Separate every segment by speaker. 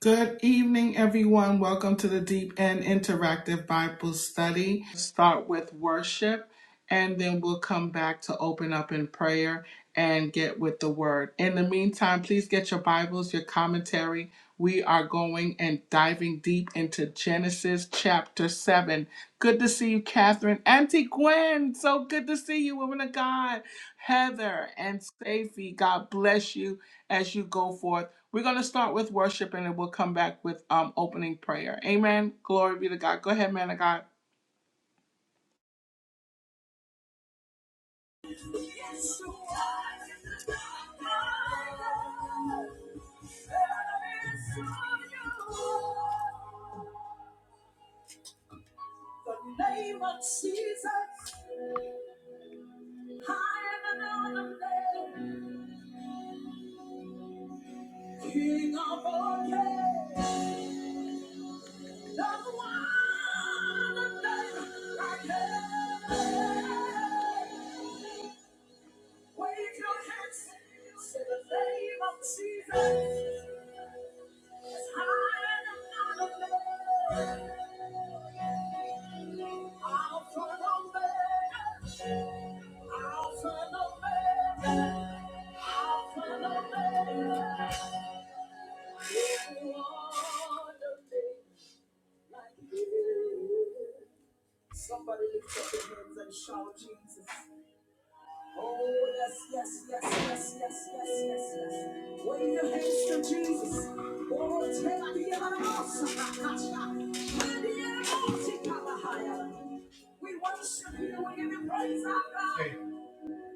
Speaker 1: Good evening, everyone. Welcome to the Deep and Interactive Bible Study. Start with worship, and then we'll come back to open up in prayer and get with the word. In the meantime, please get your Bibles, your commentary. We are going and diving deep into Genesis chapter 7. Good to see you, Catherine. Auntie Gwen, so good to see you, woman of God. Heather and Safi, God bless you as you go forth. We're going to start with worship and then we'll come back with um, opening prayer. Amen. Glory be to God. Go ahead, man of God.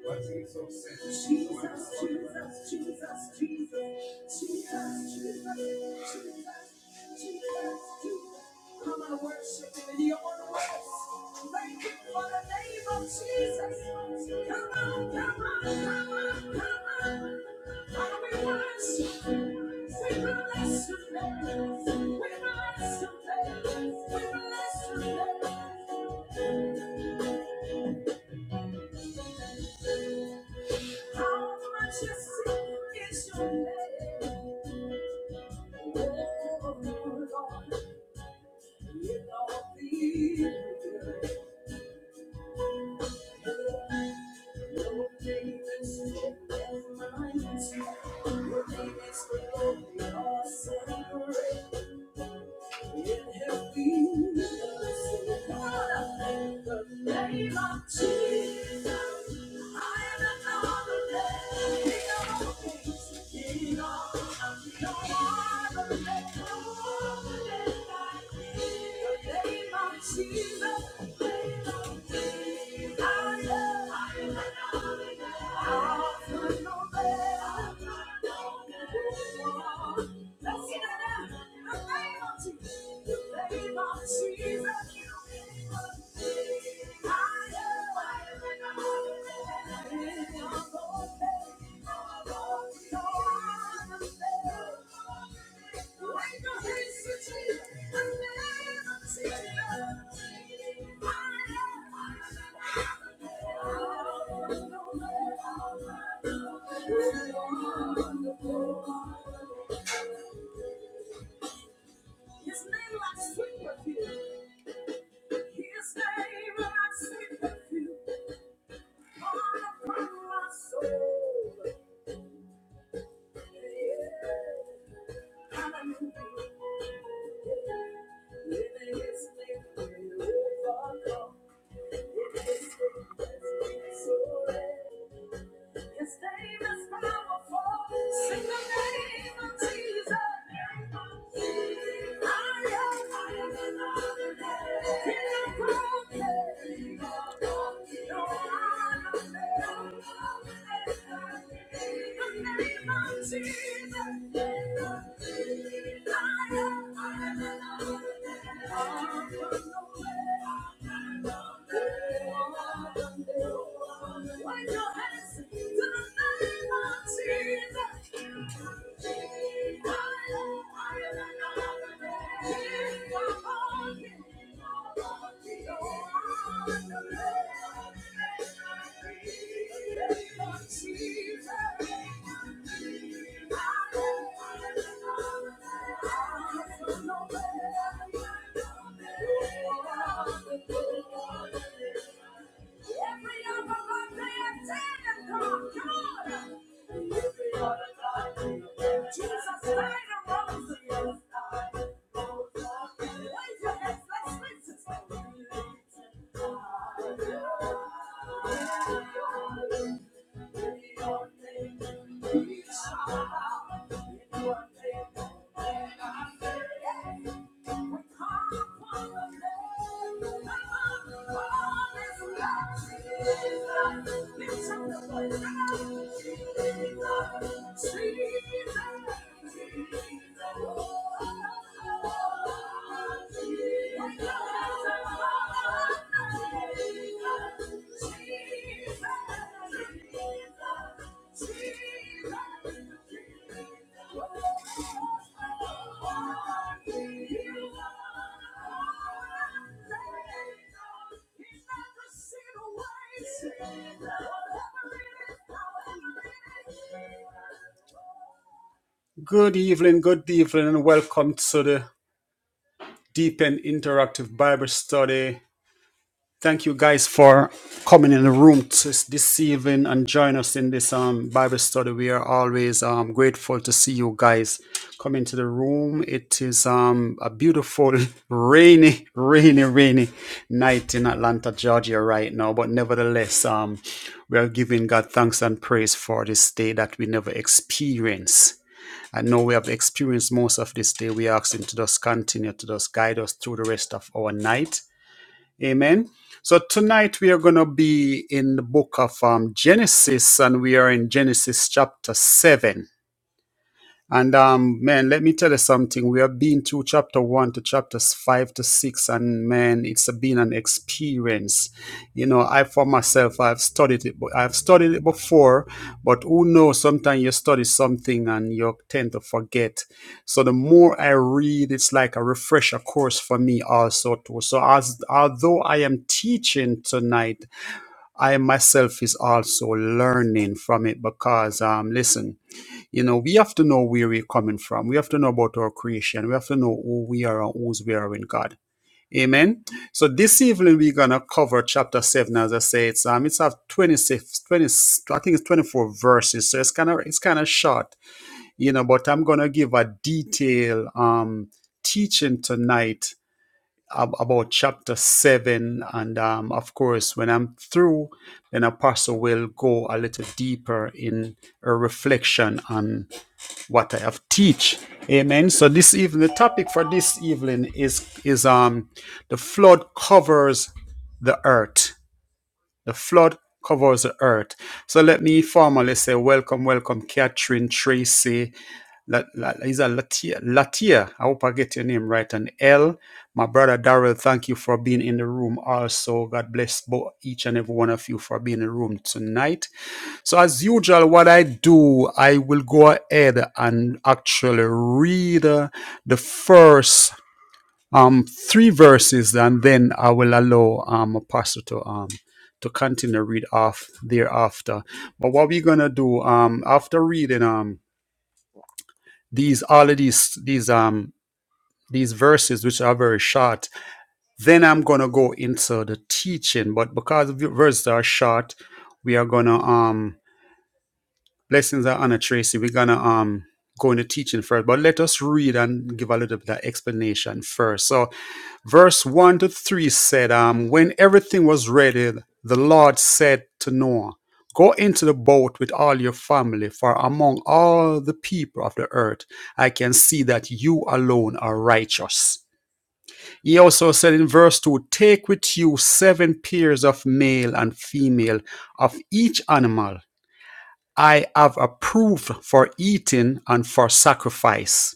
Speaker 2: Jesus, Jesus, Jesus, Good evening, good evening, and welcome to the deep and interactive Bible study. Thank you guys for coming in the room t- this evening and join us in this um, Bible study. We are always um, grateful to see you guys come into the room. It is um, a beautiful, rainy, rainy, rainy night in Atlanta, Georgia, right now. But nevertheless, um, we are giving God thanks and praise for this day that we never experienced. I know we have experienced most of this day. We ask Him to just continue to just guide us through the rest of our night. Amen. So tonight we are going to be in the book of um, Genesis, and we are in Genesis chapter 7. And um, man, let me tell you something. We have been through chapter one to chapters five to six, and man, it's been an experience. You know, I for myself, I've studied it, but I've studied it before. But who knows? Sometimes you study something and you tend to forget. So the more I read, it's like a refresher course for me also too. So as although I am teaching tonight, I myself is also learning from it because um, listen. You know, we have to know where we're coming from. We have to know about our creation. We have to know who we are and whose we are in God. Amen. So this evening we're gonna cover chapter seven, as I say, it's um it's have 26, 20. I think it's 24 verses. So it's kinda it's kinda short, you know, but I'm gonna give a detailed um teaching tonight ab- about chapter seven. And um of course when I'm through, then Apostle will go a little deeper in a reflection on what I have teach. Amen. So this evening, the topic for this evening is is um the flood covers the earth. The flood covers the earth. So let me formally say welcome, welcome, Catherine Tracy. La, La, is a Latia, Latia. I hope I get your name right. And L, my brother Darrell, thank you for being in the room. Also, God bless both each and every one of you for being in the room tonight. So as usual, what I do, I will go ahead and actually read uh, the first um, three verses, and then I will allow um, a pastor to um, to continue read off thereafter. But what we're gonna do um, after reading um, these all of these these um, these verses, which are very short, then I'm gonna go into the teaching. But because the verses are short, we are gonna um, Blessings are honor, Tracy. We're gonna um go into teaching first, but let us read and give a little bit of explanation first. So verse one to three said, um, when everything was ready, the Lord said to Noah, Go into the boat with all your family, for among all the people of the earth, I can see that you alone are righteous. He also said in verse 2 Take with you seven pairs of male and female of each animal I have approved for eating and for sacrifice,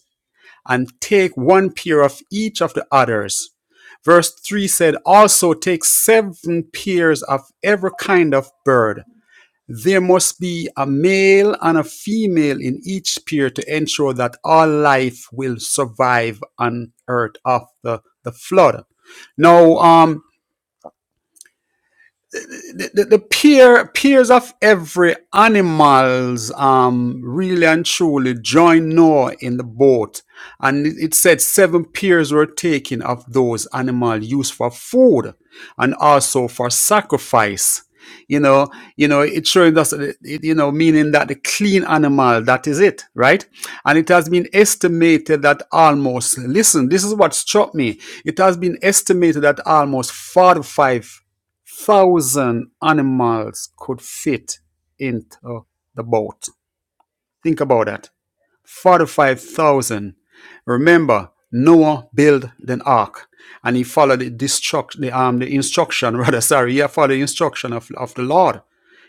Speaker 2: and take one pair of each of the others. Verse 3 said, Also take seven pairs of every kind of bird. There must be a male and a female in each pair to ensure that all life will survive on earth after the flood. Now, um, the, the, the peer, peers of every animals um, really and truly joined Noah in the boat. And it, it said seven peers were taken of those animal used for food and also for sacrifice. You know, you know, it showing us, it- it- you know, meaning that the clean animal, that is it, right? And it has been estimated that almost, listen, this is what struck me. It has been estimated that almost 45,000 thousand animals could fit into the boat. Think about that. 45,000. Remember, Noah built an ark and he followed the, destruct, the, um, the instruction, rather, sorry, he followed the instruction of, of the Lord.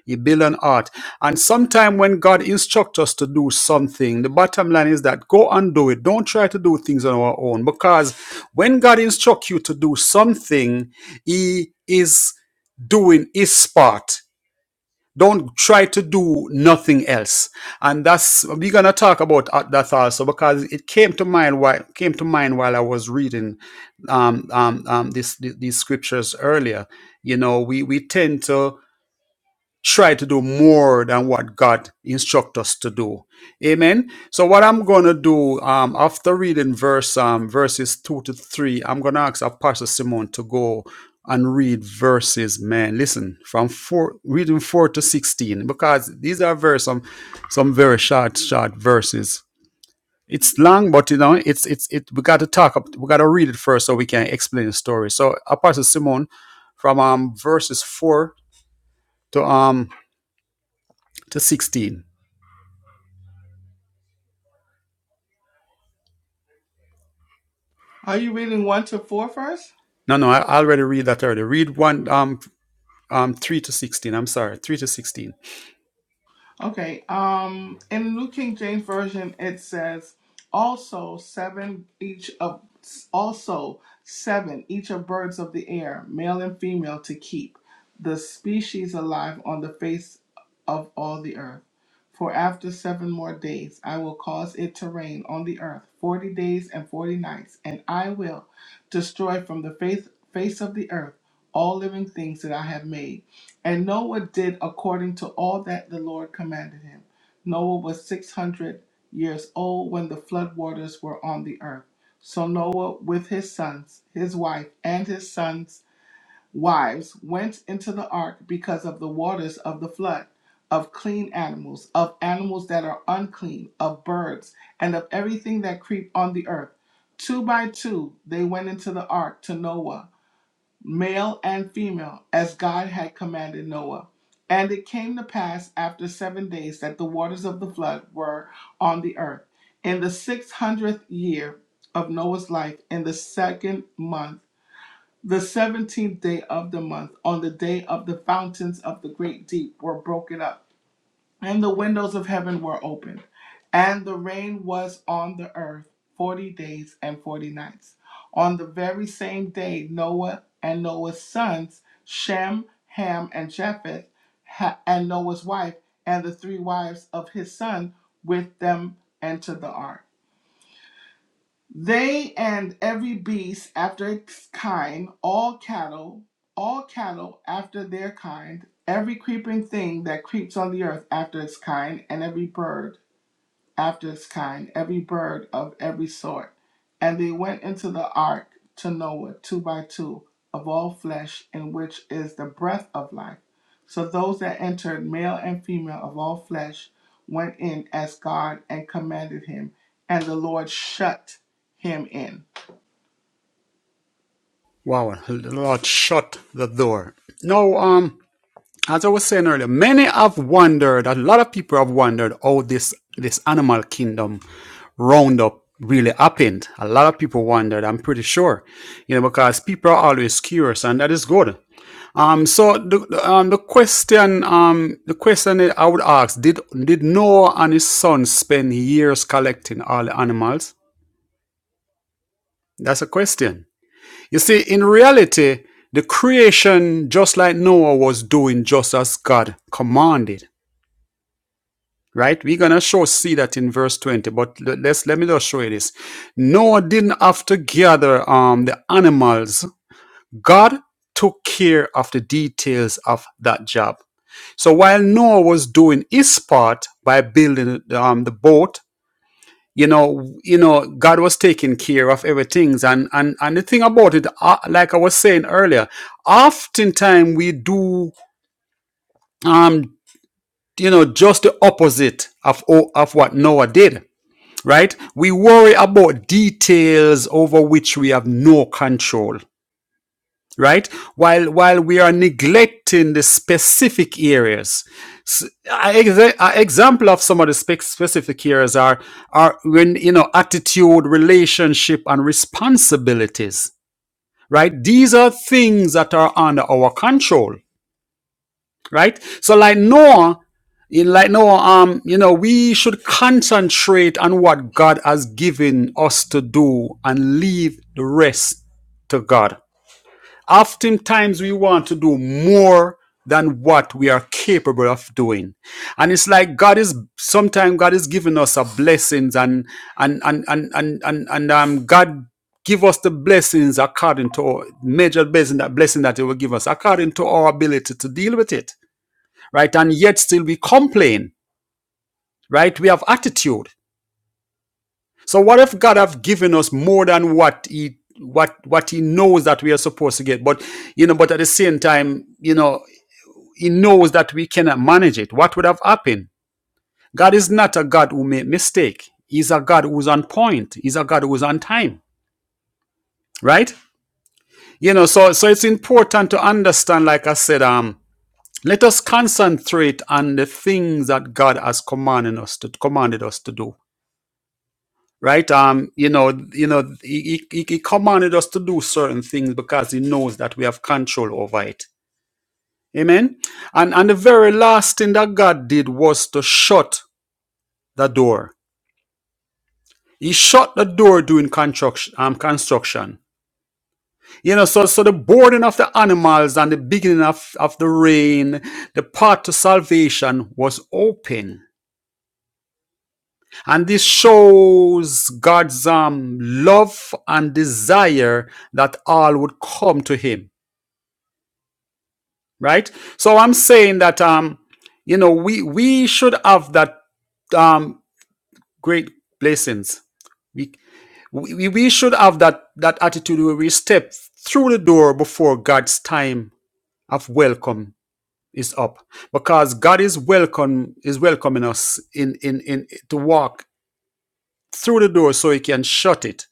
Speaker 2: He built an ark. And sometime when God instructs us to do something, the bottom line is that go and do it. Don't try to do things on our own because when God instructs you to do something, he is doing his part don't try to do nothing else. And that's we're gonna talk about uh, that also because it came to mind while came to mind while I was reading um, um, um, this, th- these scriptures earlier. You know, we we tend to try to do more than what God instructs us to do. Amen. So what I'm gonna do um, after reading verse um, verses two to three, I'm gonna ask Pastor Simon to go and read verses. Man, listen from four, reading four to sixteen because these are very some some very short short verses. It's long, but you know it's it's it. We got to talk. up. We got to read it first so we can explain the story. So Apostle Simon, from um verses four to um to 16.
Speaker 1: Are you reading 1 to 4 first?
Speaker 2: No, no, I already read that already. Read one, um, um, 3 to 16. I'm sorry, 3 to 16.
Speaker 1: Okay. Um, in New King James Version, it says, "Also seven each of also seven each of birds of the air, male and female, to keep the species alive on the face of all the earth. For after seven more days, I will cause it to rain on the earth forty days and forty nights, and I will destroy from the face face of the earth all living things that I have made." And Noah did according to all that the Lord commanded him. Noah was 600 years old when the flood waters were on the earth. So Noah, with his sons, his wife, and his sons' wives, went into the ark because of the waters of the flood, of clean animals, of animals that are unclean, of birds, and of everything that creep on the earth. Two by two they went into the ark to Noah male and female, as God had commanded Noah. And it came to pass after seven days that the waters of the flood were on the earth. In the six hundredth year of Noah's life, in the second month, the seventeenth day of the month, on the day of the fountains of the great deep were broken up and the windows of heaven were opened, and the rain was on the earth forty days and forty nights. On the very same day, Noah and Noah's sons, Shem, Ham, and Japheth, ha- and Noah's wife, and the three wives of his son with them entered the ark they and every beast after its kind, all cattle, all cattle after their kind, every creeping thing that creeps on the earth after its kind, and every bird after its kind, every bird of every sort. And they went into the ark to Noah, two by two, of all flesh, in which is the breath of life. So those that entered, male and female of all flesh, went in as God and commanded him, and the Lord shut him in.
Speaker 2: Wow, Lord, shut the door. No, um, as I was saying earlier, many have wondered, a lot of people have wondered how this, this animal kingdom roundup really happened. A lot of people wondered, I'm pretty sure, you know, because people are always curious and that is good. Um, so the the, um, the question um the question that I would ask did did Noah and his sons spend years collecting all the animals? That's a question. You see, in reality, the creation, just like Noah was doing, just as God commanded. Right? We're gonna show see that in verse twenty. But le- let's let me just show you this. Noah didn't have to gather um the animals. God took care of the details of that job. So while Noah was doing his part by building um, the boat, you know, you know, God was taking care of everything. And and and the thing about it, uh, like I was saying earlier, oftentimes we do, um, you know, just the opposite of of what Noah did. Right? We worry about details over which we have no control right while while we are neglecting the specific areas S- a exa- a example of some of the spec- specific areas are are when you know attitude relationship and responsibilities right these are things that are under our control right so like noah in like noah um you know we should concentrate on what god has given us to do and leave the rest to god oftentimes we want to do more than what we are capable of doing and it's like god is sometimes god is giving us a blessings and and and and and and, and um god give us the blessings according to our major blessing that blessing that he will give us according to our ability to deal with it right and yet still we complain right we have attitude so what if god have given us more than what he what what he knows that we are supposed to get but you know but at the same time you know He knows that we cannot manage it. What would have happened? God is not a God who made mistake. He's a God who's on point. He's a God who's on time. Right? You know, so so it's important to understand, like I said, um, let us concentrate on the things that God has commanded us to commanded us to do. Right? Um, you know, you know, he, he, he commanded us to do certain things because he knows that we have control over it. Amen. And and the very last thing that God did was to shut the door He shut the door during construction. Um, construction. You know, so so the boarding of the animals and the beginning of, of the rain, the path to salvation was open. And this shows God's um, love and desire that all would come to him. Right? So I'm saying that um, you know, we we should have that um great blessings. We. We, we should have that, that attitude where we step through the door before God's time of welcome is up. Because God is welcome is welcoming us in, in, in to walk through the door so he can shut it.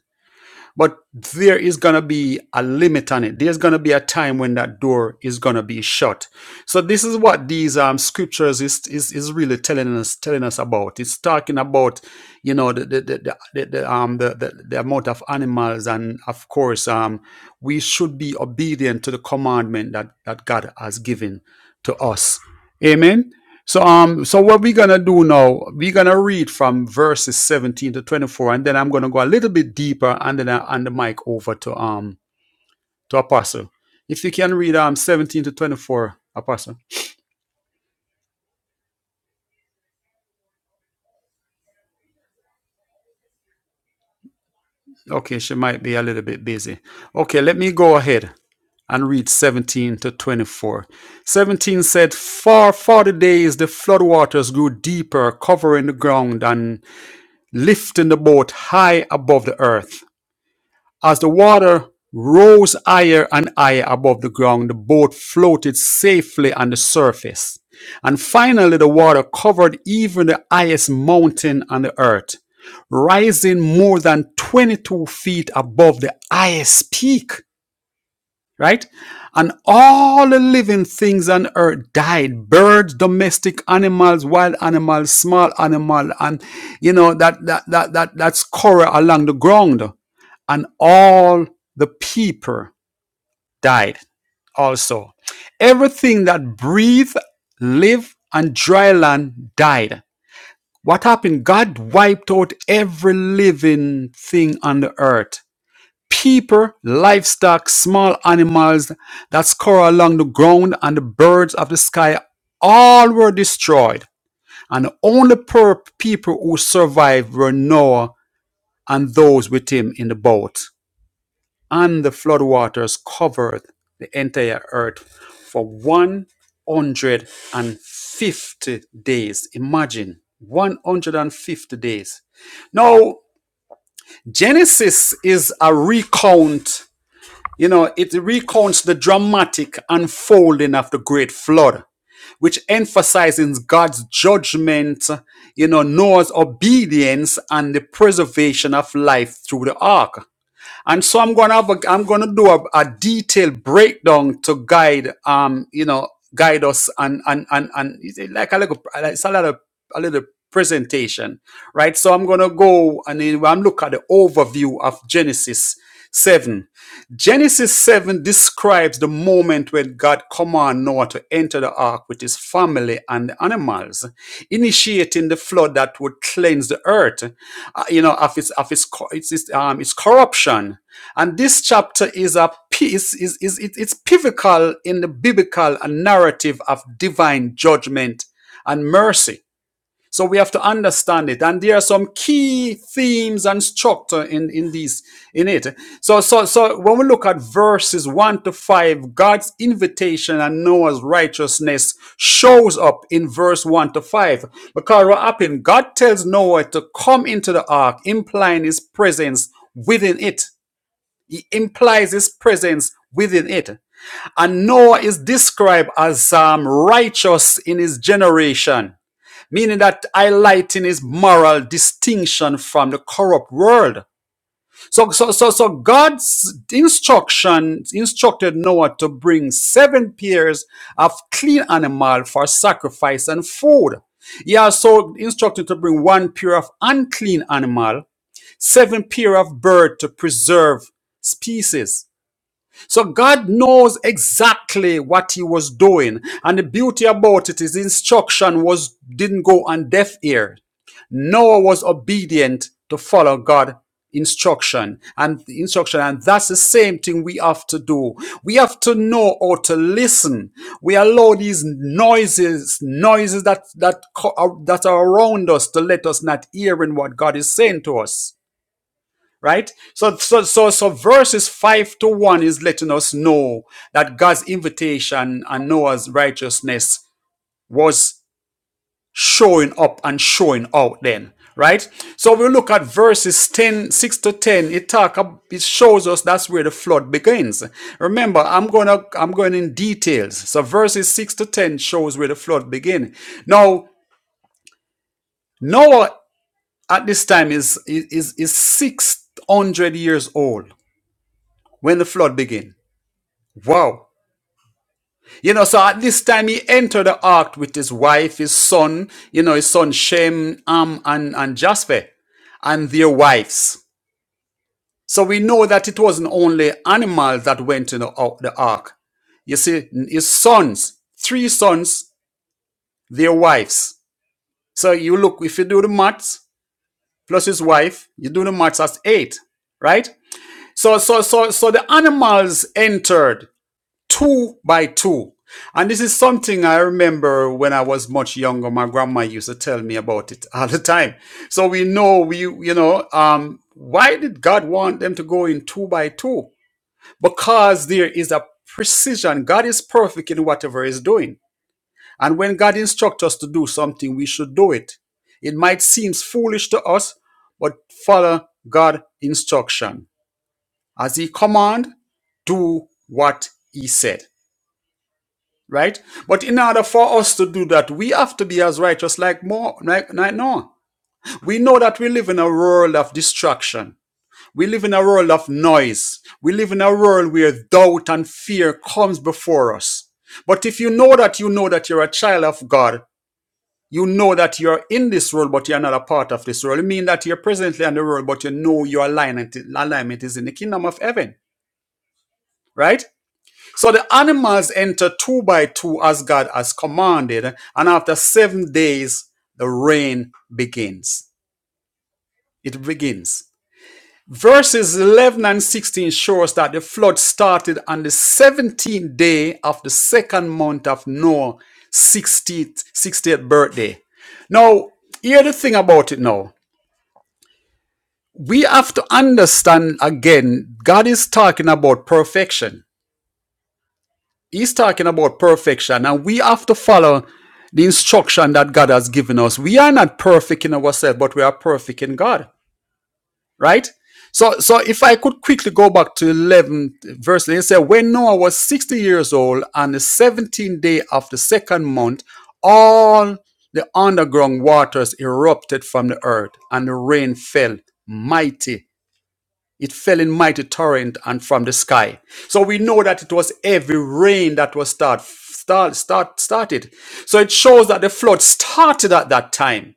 Speaker 2: But there is going to be a limit on it. There's going to be a time when that door is going to be shut. So this is what these um, scriptures is, is is really telling us telling us about. It's talking about you know the the, the, the, the um the, the the amount of animals and of course um we should be obedient to the commandment that that God has given to us. Amen. So um, so what we're gonna do now, we're gonna read from verses 17 to 24, and then I'm gonna go a little bit deeper and then I hand the mic over to um to Apostle. If you can read um 17 to 24, Apostle. Okay, she might be a little bit busy. Okay, let me go ahead and read 17 to 24. 17 said, For 40 days the floodwaters grew deeper, covering the ground and lifting the boat high above the earth. As the water rose higher and higher above the ground, the boat floated safely on the surface. And finally, the water covered even the highest mountain on the earth, rising more than 22 feet above the highest peak right? And all the living things on earth died. Birds, domestic animals, wild animals, small animal, and you know, that, that, that, that, that scorer along the ground. And all the people died also. Everything that breathed, lived, and dry land died. What happened? God wiped out every living thing on the earth people, livestock, small animals that scurry along the ground, and the birds of the sky all were destroyed. And only poor people who survived were Noah and those with him in the boat. And the floodwaters covered the entire earth for 150 days. Imagine 150 days. Now, Genesis is a recount you know, it recounts the dramatic unfolding of the great flood, which emphasizes God's judgment, you know, Noah's obedience and the preservation of life through the ark. And so I'm gonna have a, I'm gonna do a, a detailed breakdown to guide um you know guide us and and and and it's like a little it's a little a little presentation, right? So I'm gonna go and then I'm look at the overview of Genesis seven Genesis 7 describes the moment when God commanded Noah to enter the ark with his family and the animals, initiating the flood that would cleanse the earth, uh, you know, of its of its co- its, its, um, its corruption. And this chapter is a piece is is it, it's pivotal in the biblical narrative of divine judgment and mercy. So we have to understand it. And there are some key themes and structure in, in these in it. So so so when we look at verses one to five, God's invitation and Noah's righteousness shows up in verse one to five. Because what happened? God tells Noah to come into the ark, implying his presence within it. He implies his presence within it. And Noah is described as um, righteous in his generation meaning that highlighting his moral distinction from the corrupt world. So, so, so, so God's instruction instructed Noah to bring seven pairs of clean animal for sacrifice and food. He also instructed to bring one pair of unclean animal, seven pair of bird to preserve species. So God knows exactly what he was doing. And the beauty about it is instruction was didn't go on deaf ear. Noah was obedient to follow God instruction and the instruction and that's the same thing we have to do we have to know how to listen we allow these noises noises that that uh, that are around us to let us not hear in what god is saying to us right so so so so verses 5 to 1 is letting us know that god's invitation and noah's righteousness was showing up and showing out then right so we look at verses 10 6 to 10 it talk it shows us that's where the flood begins remember i'm gonna i'm going in details so verses 6 to 10 shows where the flood begins. now noah at this time is is is 600 years old when the flood begins. Wow. You know, so at this time he entered the ark with his wife, his son, you know, his son Shem, Ham, and, and Japheth, and their wives. So we know that it wasn't only animals that went in the, ar- the ark. You see, his sons, three sons, their wives. So you look, if you do the maths, plus his wife, you do the maths, that's eight, right? So, so, so, so the animals entered two by two. And this is something I remember when I was much younger. My grandma used to tell me about it all the time. So we know we, you know, um, why did God want them to go in two by two? Because there is a precision. God is perfect in whatever He's doing. And when God instructs us to do something, we should do it. It might seem foolish to us, but follow God's instruction. As He command, do what He said right? But in order for us to do that, we have to be as righteous like more like, like Noah. We know that we live in a world of distraction. We live in a world of noise. We live in a world where doubt and fear comes before us. But if you know that you know that you're a child of God, you know that you're in this world, but you're not a part of this world. It means that you're presently in the world, but you know your alignment, alignment is in the kingdom of heaven, right? So the animals enter two by two as God has commanded, and after seven days, the rain begins. It begins. Verses 11 and 16 shows that the flood started on the 17th day of the second month of Noah's 60th, 60th birthday. Now, hear the thing about it now. We have to understand again, God is talking about perfection. He's talking about perfection, and we have to follow the instruction that God has given us. We are not perfect in ourselves, but we are perfect in God, right? So, so if I could quickly go back to 11 verse, it said, When Noah was 60 years old, on the 17th day of the second month, all the underground waters erupted from the earth, and the rain fell mighty it fell in mighty torrent and from the sky. So we know that it was heavy rain that was start, start, start, started. So it shows that the flood started at that time.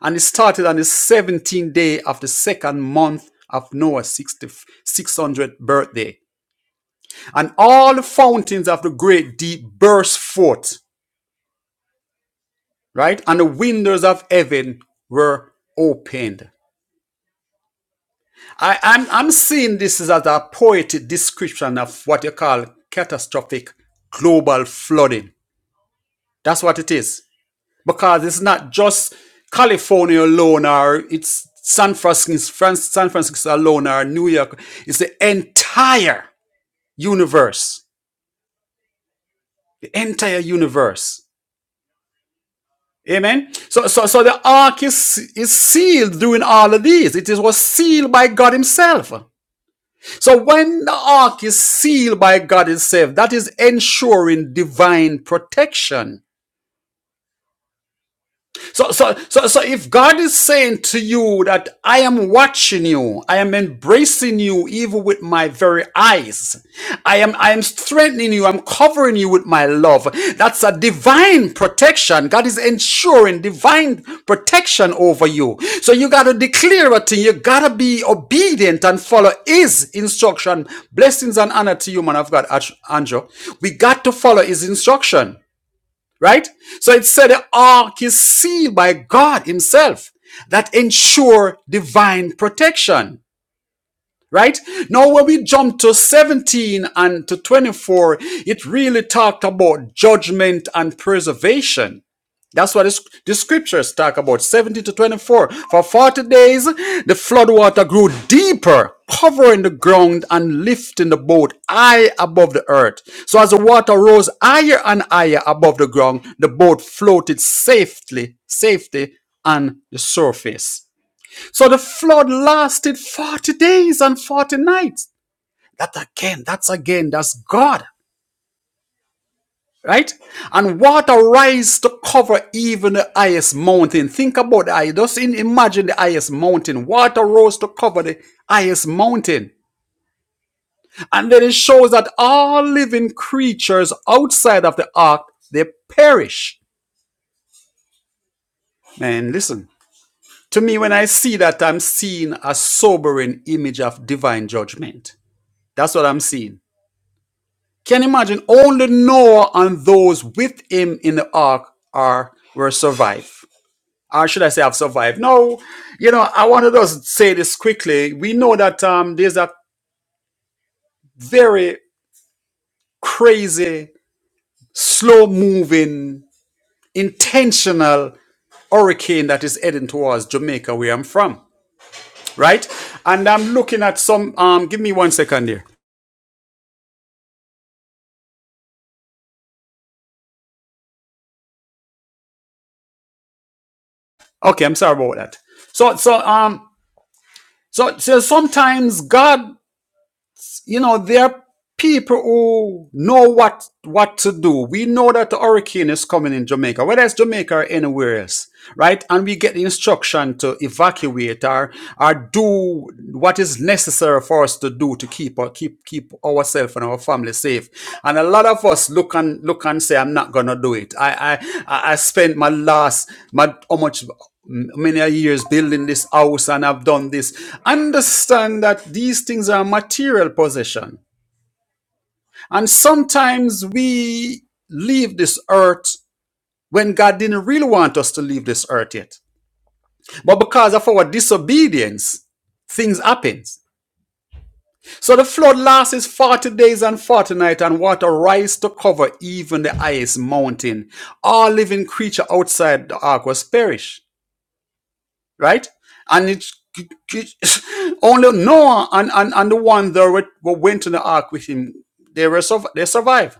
Speaker 2: And it started on the 17th day of the second month of Noah's 60 600th birthday. And all the fountains of the great deep burst forth, right? And the windows of heaven were opened. I, I'm, I'm seeing this as a poetic description of what you call catastrophic global flooding. That's what it is. Because it's not just California alone or it's San Francisco, San Francisco alone or New York. It's the entire universe. The entire universe. Amen. So, so, so the ark is, is sealed during all of these. It is, was sealed by God himself. So when the ark is sealed by God itself, that is ensuring divine protection. So, so, so, so if God is saying to you that I am watching you, I am embracing you even with my very eyes, I am, I am strengthening you, I'm covering you with my love. That's a divine protection. God is ensuring divine protection over you. So you gotta declare a thing. You gotta be obedient and follow His instruction. Blessings and honor to you, man of God, Anjo. We got to follow His instruction right? So it said the ark is sealed by God Himself that ensure divine protection right? Now, when we jump to 17 and to 24, it really talked about judgment and preservation. That's what the scriptures talk about 17 to 24. For 40 days, the flood water grew deeper, covering the ground and lifting the boat high above the earth. So, as the water rose higher and higher above the ground, the boat floated safely, safely on the surface. So the flood lasted 40 days and 40 nights. That again, that's again, that's God, right? And water rise to cover even the highest mountain. Think about that. Just imagine the highest mountain. Water rose to cover the highest mountain. And then it shows that all living creatures outside of the ark, they perish. Man, listen. To me, when I see that, I'm seeing a sobering image of divine judgment. That's what I'm seeing. Can you imagine? Only Noah and those with him in the ark are were survived. Or should I say have survived? No, you know, I want to just say this quickly. We know that um there's a very crazy, slow moving, intentional hurricane that is heading towards Jamaica where I'm from. Right? And I'm looking at some um give me one second here. Okay, I'm sorry about that. So so um so, so sometimes God you know, there are people who know what what to do. We know that the hurricane is coming in Jamaica, whether it's Jamaica or anywhere else, right? And we get the instruction to evacuate or or do what is necessary for us to do to keep or keep keep ourselves and our family safe. And a lot of us look and look and say, I'm not gonna do it. I I I I spent my last my how much m- many a years building this house and have done this. Understand that these things are material possession. And sometimes we leave this earth when God didn't really want us to leave this earth yet. But because of our disobedience, things happen. So the flood lasts 40 days and 40 nights, and water rise to cover even the highest mountain. All living creature outside the ark was perished. right? And it's only Noah and, and, and the one that were- were went to the ark with him, they were surv- they survived.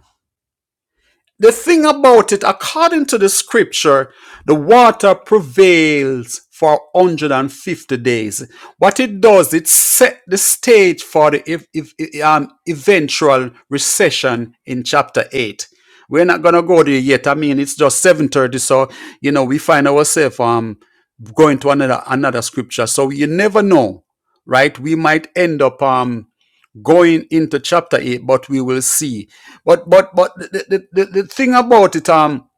Speaker 2: The thing about it, according to the scripture, the water prevails for 150 days. What it does, it set the stage for the if, if, um, eventual recession in chapter 8. We're not going to go there yet. I mean, it's just 7.30, so, you know, we find ourselves... um going to another another scripture. So you never know, right? We might end up um going into chapter eight, but we will see. But but but the the, the, the thing about it um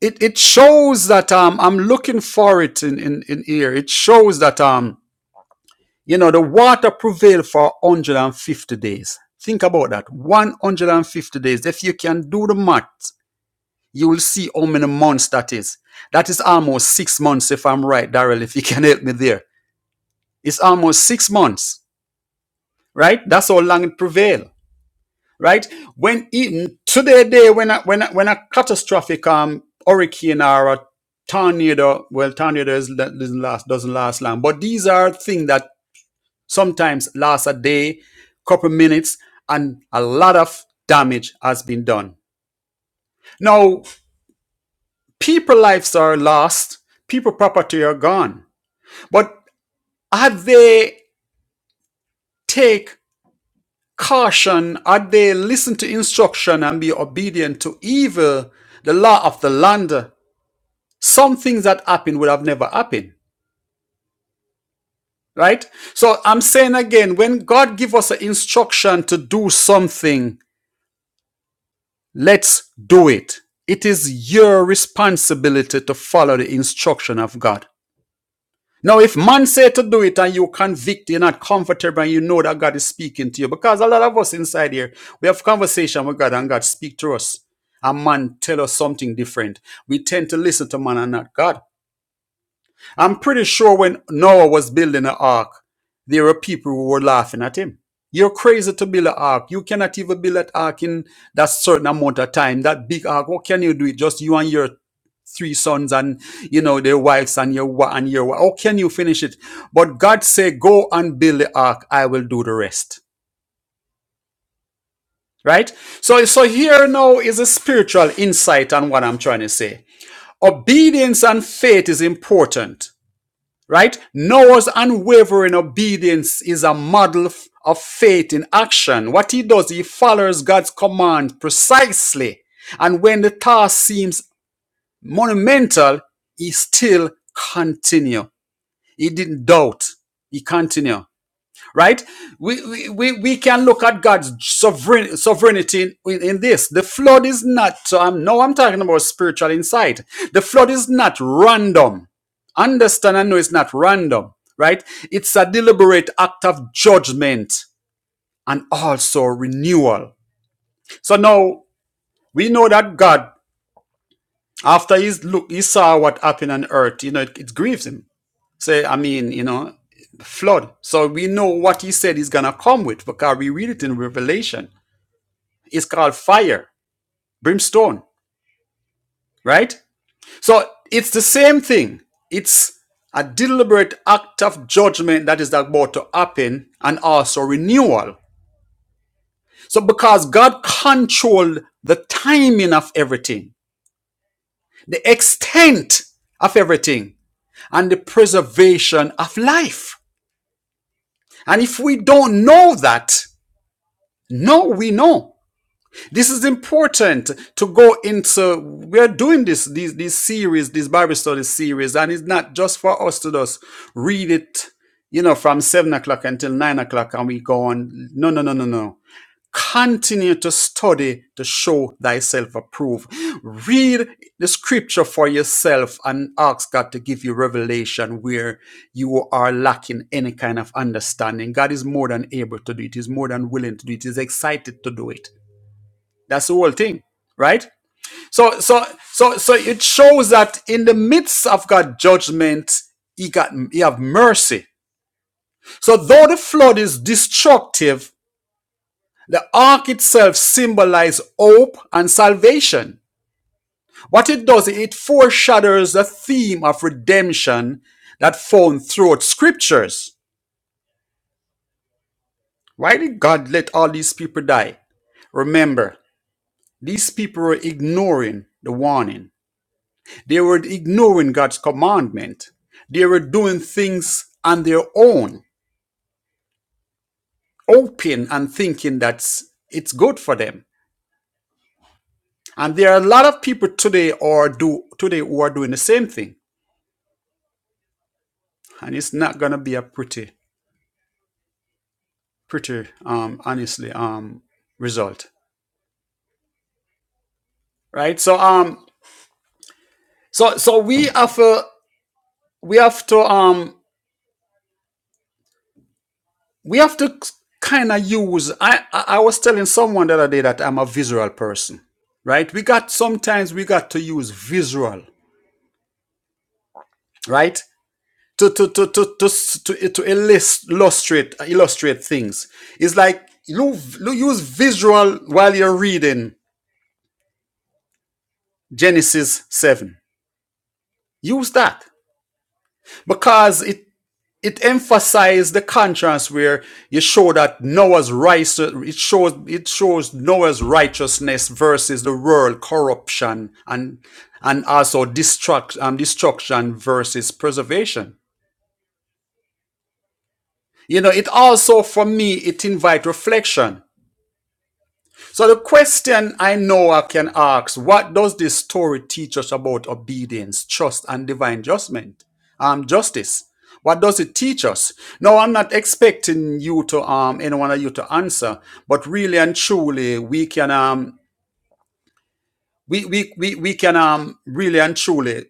Speaker 2: it, it shows that um I'm looking for it in, in in here. It shows that um you know the water prevailed for 150 days. Think about that. 150 days. If you can do the math, you will see how many months that is. That is almost six months, if I'm right, Daryl, if you can help me there It's almost six months, right? That's how long it prevail, right? When even today, day when a, when a, when a catastrophic um hurricane or a tornado, well, tornado is, doesn't last doesn't last long, but these are things that sometimes last a day, couple minutes, and a lot of damage has been done. Now, people lives are lost, people property are gone, but have they take Caution, had they listened to instruction and be obedient to evil, the law of the land, some things that happened would have never happened. Right? So I'm saying again, when God give us an instruction to do something, let's do it. It is your responsibility to follow the instruction of God. Now, if man say to do it and you convict, you're not comfortable and you know that God is speaking to you, because a lot of us inside here, we have conversation with God and God speak to us. And man tell us something different. We tend to listen to man and not God. I'm pretty sure when Noah was building the ark, there were people who were laughing at him. You're crazy to build an ark. You cannot even build an ark in that certain amount of time. That big ark, what can you do? It just you and your three sons and you know their wives and your wa- and your wa- how can you finish it but god said go and build the ark i will do the rest right so so here now is a spiritual insight on what i'm trying to say obedience and faith is important right noah's unwavering obedience is a model f- of faith in action what he does he follows god's command precisely and when the task seems monumental he still continue He didn't doubt. He continued. Right? We, we, we we can look at God's sovereign, sovereignty in, in this. The flood is not, so I'm, now I'm talking about spiritual insight. The flood is not random. Understand and know it's not random, right? It's a deliberate act of judgment and also renewal. So now we know that God, after he's look, he saw what happened on earth, you know, it, it grieves him Say, I mean, you know, flood. So we know what he said he's gonna come with because we read it in Revelation. It's called fire, brimstone, right? So it's the same thing. It's a deliberate act of judgment that is about to happen and also renewal. So because God controlled the timing of everything, the extent of everything, and the preservation of life. And if we don't know that, No, we know. This is important to go into. We're doing this, these, these series, this Bible study series, and it's not just for us to just read it, you know, from seven o'clock until nine o'clock and we go on. No, no, no, no, no. Continue to study to show thyself approved. Read the scripture for yourself and ask God to give you revelation where you are lacking any kind of understanding. God is more than able to do it. He's more than willing to do it. He's excited to do it. That's the whole thing, right? So, so, so, so it shows that in the midst of God's judgment, He got He have mercy. So though the flood is destructive, the ark itself symbolizes hope and salvation. What it does, it foreshadows the theme of redemption that found throughout scriptures. Why did God let all these people die? Remember, these people were ignoring the warning. They were ignoring God's commandment. They were doing things on their own, hoping and thinking that it's good for them. And there are a lot of people today or do today who are doing the same thing. and it's not gonna be a pretty, pretty, um, honestly, um, result, right? So, um, so, so we have, uh, we have to, um, we have to kind of use. I, I, I was telling someone the other day that I'm a visual person, right? We got sometimes we got to use visual, right? To to to to to to, to illus- illustrate illustrate things. It's like you, you use visual while you're reading Genesis seven. Use that because it it emphasized the contrast where you show that Noah's rice it shows it shows Noah's righteousness versus the world corruption and and also destruct um, destruction versus preservation. You know, it also for me it invite reflection So the question I know I can ask, what does this story teach us about obedience, trust, and divine judgment? Um, justice. What does it teach us? No, I'm not expecting you to um any one of you to answer, but really and truly we can um we we we, we can um really and truly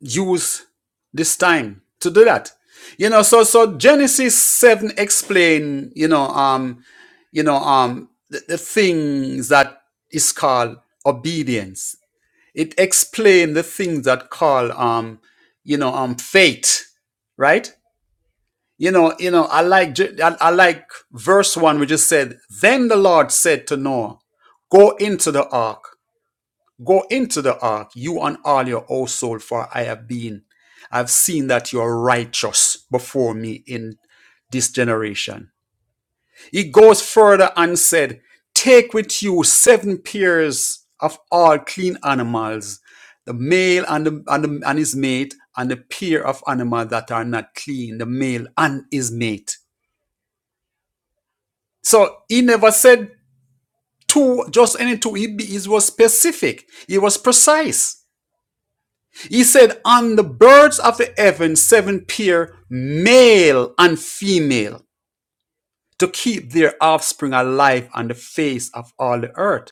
Speaker 2: use this time to do that. You know, so so Genesis 7 explain, you know, um you know, um, the, the things that is called obedience. It explains the things that call, um, you know, um, faith, right? You know, you know, I like, J- I, I like verse one, which just said, then the Lord said to Noah, go into the ark, go into the ark, you and all your household, for I have been, I've seen that you are righteous before me in this generation he goes further and said, Take with you seven pairs of all clean animals, the male and, the, and, the- and his mate, and the pair of animals that are not clean, the male and his mate. So he never said two, just any two. He, he was specific, he was precise. He said, On the birds of the heaven, seven pair, male and female, to keep their offspring alive on the face of all the earth.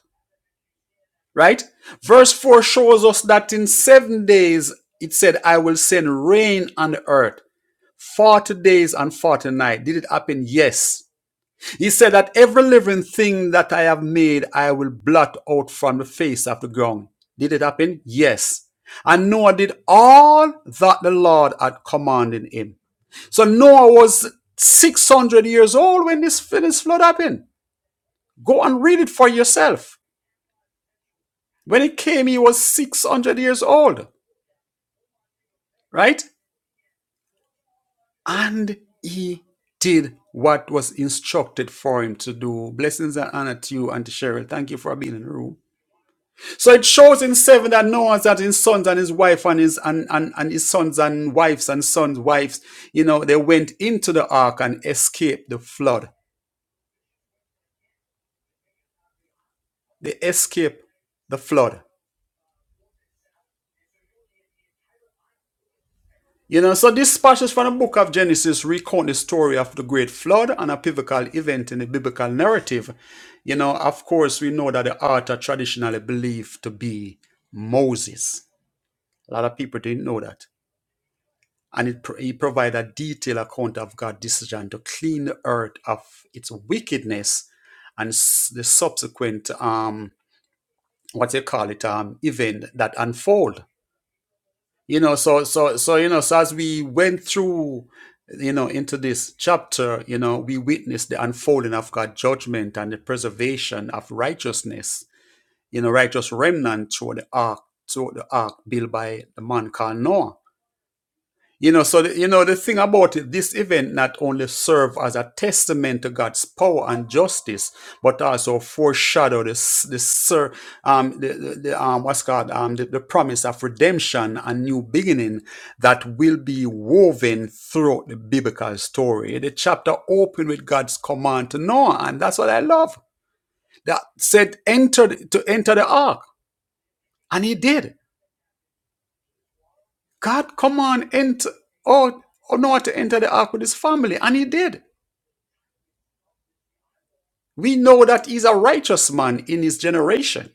Speaker 2: right? Verse 4 shows us that in seven days it said, I will send rain on the earth, 40 days and 40 nights. Did it happen? Yes. He said that every living thing that I have made, I will blot out from the face of the ground. Did it happen? Yes. And Noah did all that the Lord had commanded him. So Noah was 600 years old when this, when this flood happened. Go and read it for yourself. When it came, he was 600 years old. right? And he did what was instructed for him to do. Blessings and honor to you, Auntie Cheryl. Thank you for being in the room. So it shows in seven that Noah's that his sons and his wife and his and, and, and his sons and wives and sons' wives, you know, they went into the ark and escaped the flood. They escaped the flood. You know, so this passage from the book of Genesis recount the story of the great flood and a pivotal event in the biblical narrative. You know, of course, we know that the author traditionally believed to be Moses. A lot of people didn't know that. And it, pro- he provided a detailed account of God's decision to clean the earth of its wickedness and s- the subsequent, um, what they call it, um, event that unfold. you know so so so you know so as we went through you know into this chapter you know we witnessed the unfolding of god's judgment and the preservation of righteousness you know righteous remnant through the ark through the ark built by the man called noah you know, so the, you know the thing about it, this event not only served as a testament to God's power and justice, but also foreshadow the s- the ser, um the, the, the um what's called um the, the promise of redemption and new beginning that will be woven throughout the biblical story. The chapter opened with God's command to Noah, and that's what I love. That said, enter the- to enter the ark, and he did. God, command enter or or not to enter the ark with his family. And he did. We know that he's a righteous man in his generation.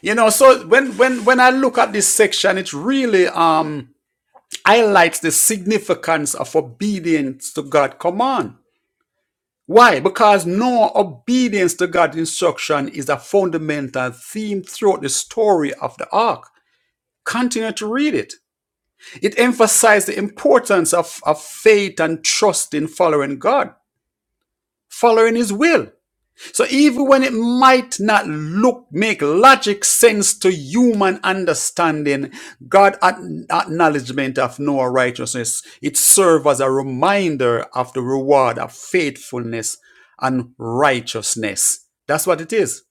Speaker 2: You know, so when when when I look at this section, it really um highlights the significance of obedience to God's command. Why? Because no obedience to God's instruction is a fundamental theme throughout the story of the ark. Continue to read it. It emphasizes the importance of, of faith and trust in following God. following his will. So even when it might not look make logic sense to human understanding, God acknowledgement of Noah's righteousness, it serves as a reminder of the reward of faithfulness and righteousness. That's what it is.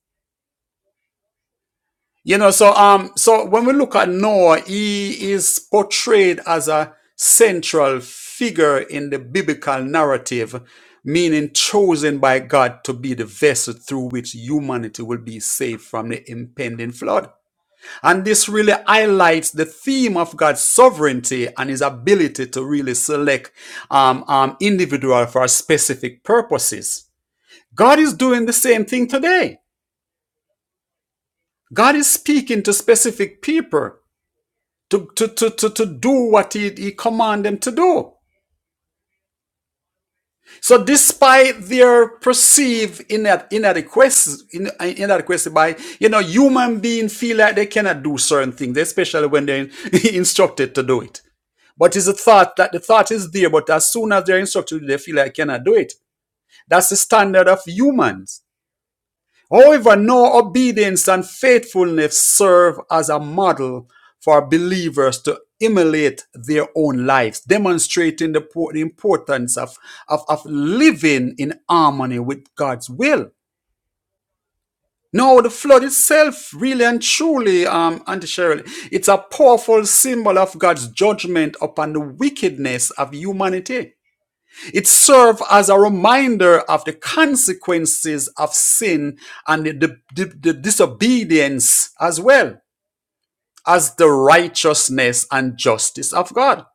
Speaker 2: You know, so um, so when we look at Noah, he is portrayed as a central figure in the biblical narrative, meaning chosen by God to be the vessel through which humanity will be saved from the impending flood. And this really highlights the theme of God's sovereignty and his ability to really select um, um, individual for specific purposes. God is doing the same thing today. God is speaking to specific people to, to, to, to, to do what he, he commanded them to do. So despite their perceived ina- inadequacy, in- uh, inadequacy by, you know, human beings feel like they cannot do certain things, especially when they're instructed to do it. But it's a thought that the thought is there, but as soon as they're instructed, they feel like I cannot do it. That's the standard of humans. However, no obedience and faithfulness serve as a model for believers to emulate their own lives, demonstrating the importance of, of, of living in harmony with God's will. No, the flood itself, really and truly, um, Auntie Cheryl, it's a powerful symbol of God's judgment upon the wickedness of humanity. It served as a reminder of the consequences of sin and the, the- the the disobedience as well as the righteousness and justice of God.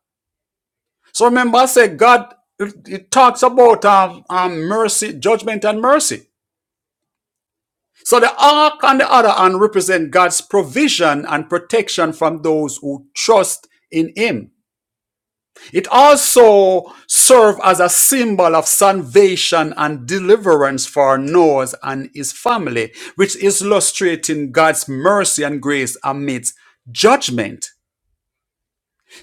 Speaker 2: So remember, I said God, it, it talks about um, um, mercy, judgment, and mercy. So the ark on the other hand represent God's provision and protection from those who trust in Him. It also served as a symbol of salvation and deliverance for Noah and his family, which is illustrating God's mercy and grace amidst judgment.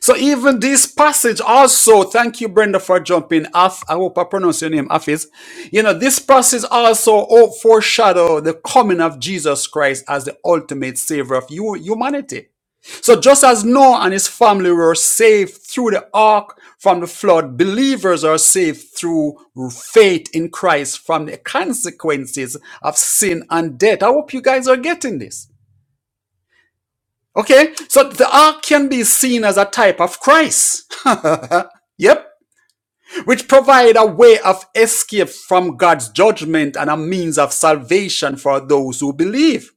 Speaker 2: So even this passage also, thank you, Brenda, for jumping. Af, I hope I pronounce your name, Afis. You know, this passage also oh, foreshadow the coming of Jesus Christ as the ultimate savior of hu- humanity. So just as Noah and his family were saved through the ark from the flood, believers are saved through faith in Christ from the consequences of sin and death. I hope you guys are getting this. Okay, so the ark can be seen as a type of Christ. Yep. Which provide a way of escape from God's judgment and a means of salvation for those who believe.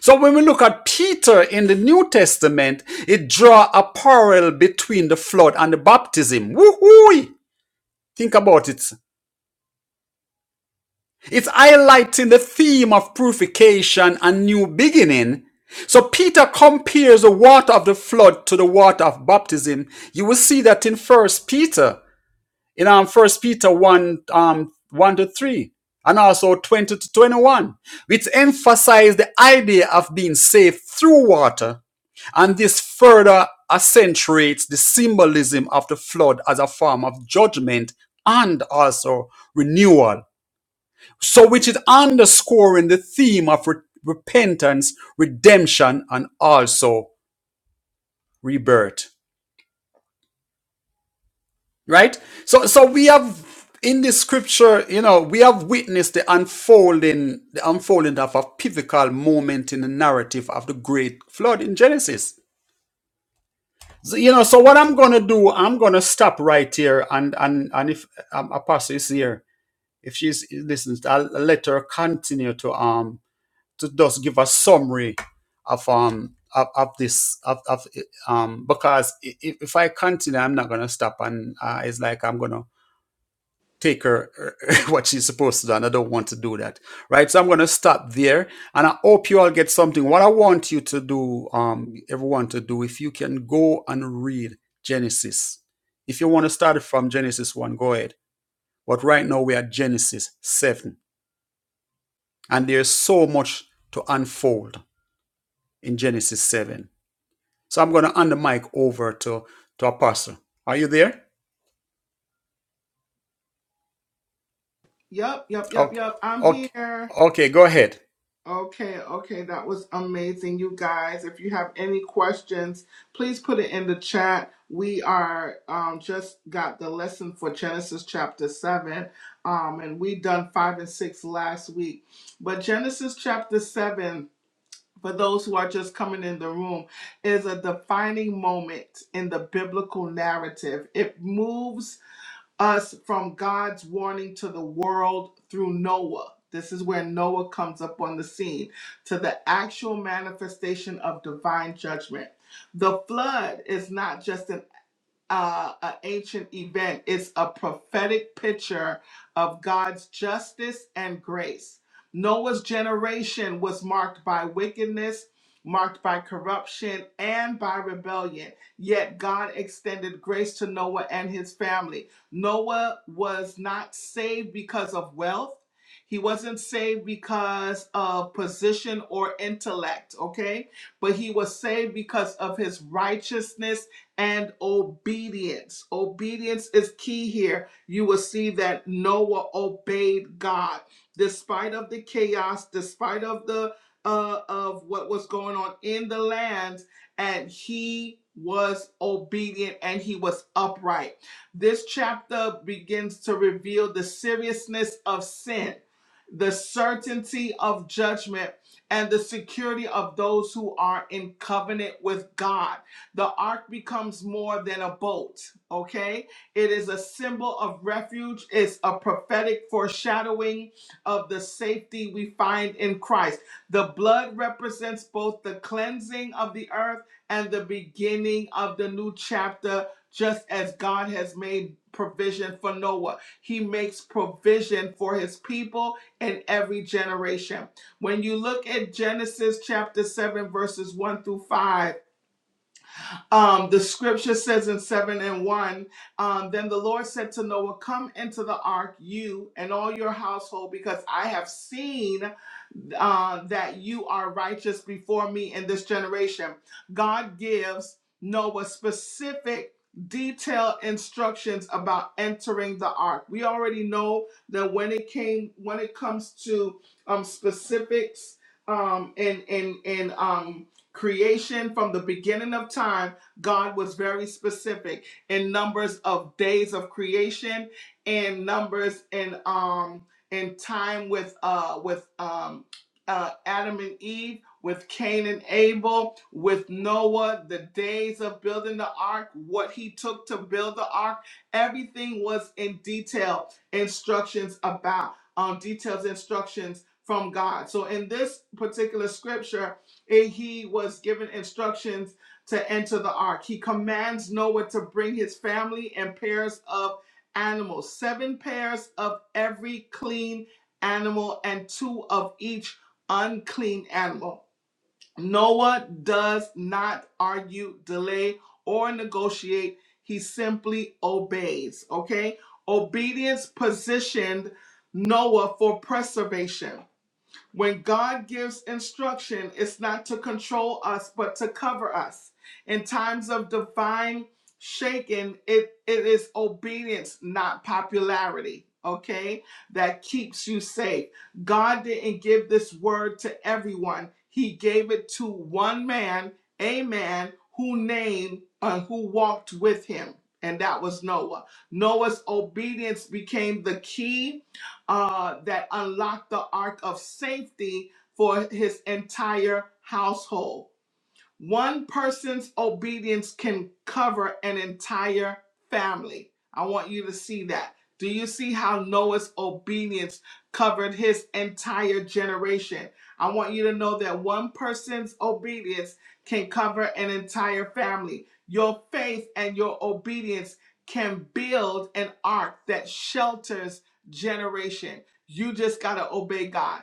Speaker 2: So when we look at Peter in the New Testament, it draw a parallel between the flood and the baptism. Woohoo! Think about it. It's highlighting the theme of purification and new beginning. So Peter compares the water of the flood to the water of baptism. You will see that in First Peter. in um, First Peter 1, um, 1 to 3, and also 20 to 21, which emphasize the idea of being saved through water. And this further accentuates the symbolism of the flood as a form of judgment and also renewal. So, which is underscoring the theme of re- repentance, redemption, and also rebirth. right so so we have in the scripture you know we have witnessed the unfolding the unfolding of a pivotal moment in the narrative of the great flood in genesis so, you know so what i'm gonna do i'm gonna stop right here and and and if um, apostle is here if she's listens i'll let her continue to um to just give a summary of um of, of this of, of um because i- i- if i continue i'm not gonna stop and uh, it's like i'm gonna take her what she's supposed to do and i don't want to do that right so i'm going to stop there and i hope you all get something what i want you to do um everyone to do if you can go and read genesis if you want to start it from genesis 1 go ahead but right now we are at genesis 7 and there's so much to unfold in genesis 7 so i'm going to hand the mic over to to apostle are you there
Speaker 1: Yup, yup, yup,
Speaker 2: okay
Speaker 1: yup. I'm
Speaker 2: okay
Speaker 1: here.
Speaker 2: okay go ahead
Speaker 1: Okay, okay, that was amazing, you guys. If you have any questions, please put it in the chat. We are um, just got the lesson for Genesis chapter seven, um, and we done five and six last week. But Genesis chapter seven, for those who are just coming in the room, is a defining moment in the biblical narrative. It moves us from God's warning to the world through Noah. This is where Noah comes up on the scene to the actual manifestation of divine judgment. The flood is not just an uh, an ancient event. It's a prophetic picture of God's justice and grace. Noah's generation was marked by wickedness, marked by corruption, and by rebellion. Yet God extended grace to Noah and his family. Noah was not saved because of wealth. He wasn't saved because of position or intellect, okay? But he was saved because of his righteousness and obedience. Obedience is key here. You will see that Noah obeyed God despite of the chaos, despite of the uh, of what was going on in the land, and he was obedient and he was upright. This chapter begins to reveal the seriousness of sin, the certainty of judgment, and the security of those who are in covenant with God. The ark becomes more than a boat, okay? It is a symbol of refuge, it's a prophetic foreshadowing of the safety we find in Christ. The blood represents both the cleansing of the earth and the beginning of the new chapter, just as God has made provision for Noah. He makes provision for his people in every generation. When you look at Genesis chapter 7, verses 1 through 5, um, the scripture says in 7 and 1 um, Then the Lord said to Noah, Come into the ark, you and all your household, because I have seen uh, that you are righteous before me in this generation. God gives Noah specific, detailed instructions about entering the ark. We already know that when it came, when it comes to um, specifics um, in in and um, creation from the beginning of time, God was very specific in numbers of days of creation and numbers in um in time with uh with um uh, Adam and Eve, with Cain and Abel, with Noah, the days of building the ark, what he took to build the ark, everything was in detail instructions about, um, details instructions from God. So in this particular scripture, it- he was given instructions to enter the ark. He commands Noah to bring his family and pairs of animals, seven pairs of every clean animal and two of each unclean animal. Noah does not argue, delay, or negotiate. He simply obeys. Okay? Obedience positioned Noah for preservation. When God gives instruction, it's not to control us, but to cover us. In times of divine shaking, it, it is obedience, not popularity, okay, that keeps you safe. God didn't give this word to everyone, He gave it to one man, a man who named and who walked with him, and that was Noah. Noah's obedience became the key uh, that unlocked the ark of safety for his entire household. One person's obedience can cover an entire family. I want you to see that. Do you see how Noah's obedience covered his entire generation? I want you to know that one person's obedience can cover an entire family. Your faith and your obedience can build an ark that shelters generation. You just got to obey God.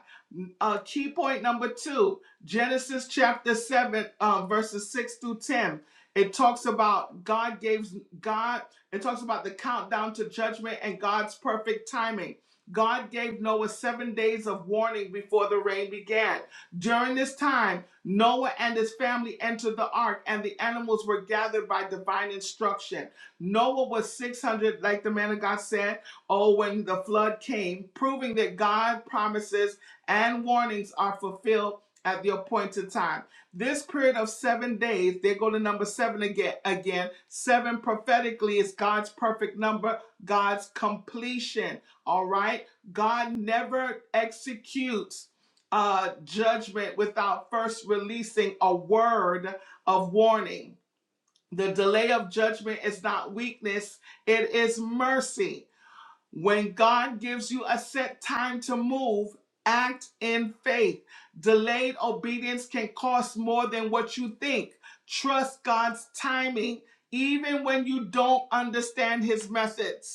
Speaker 1: Uh, key point number two Genesis chapter 7, um, verses 6 through 10. It talks about God gave God, it talks about the countdown to judgment and God's perfect timing. God gave Noah seven days of warning before the rain began. During this time, Noah and his family entered the ark, and the animals were gathered by divine instruction. Noah was 600, like the man of God said, oh, when the flood came, proving that God's promises and warnings are fulfilled at the appointed time. This period of seven days, they go to number seven again. Again, seven prophetically is God's perfect number, God's completion. All right, God never executes uh, judgment without first releasing a word of warning. The delay of judgment is not weakness; it is mercy. When God gives you a set time to move, act in faith. Delayed obedience can cost more than what you think. Trust God's timing, even when you don't understand his methods.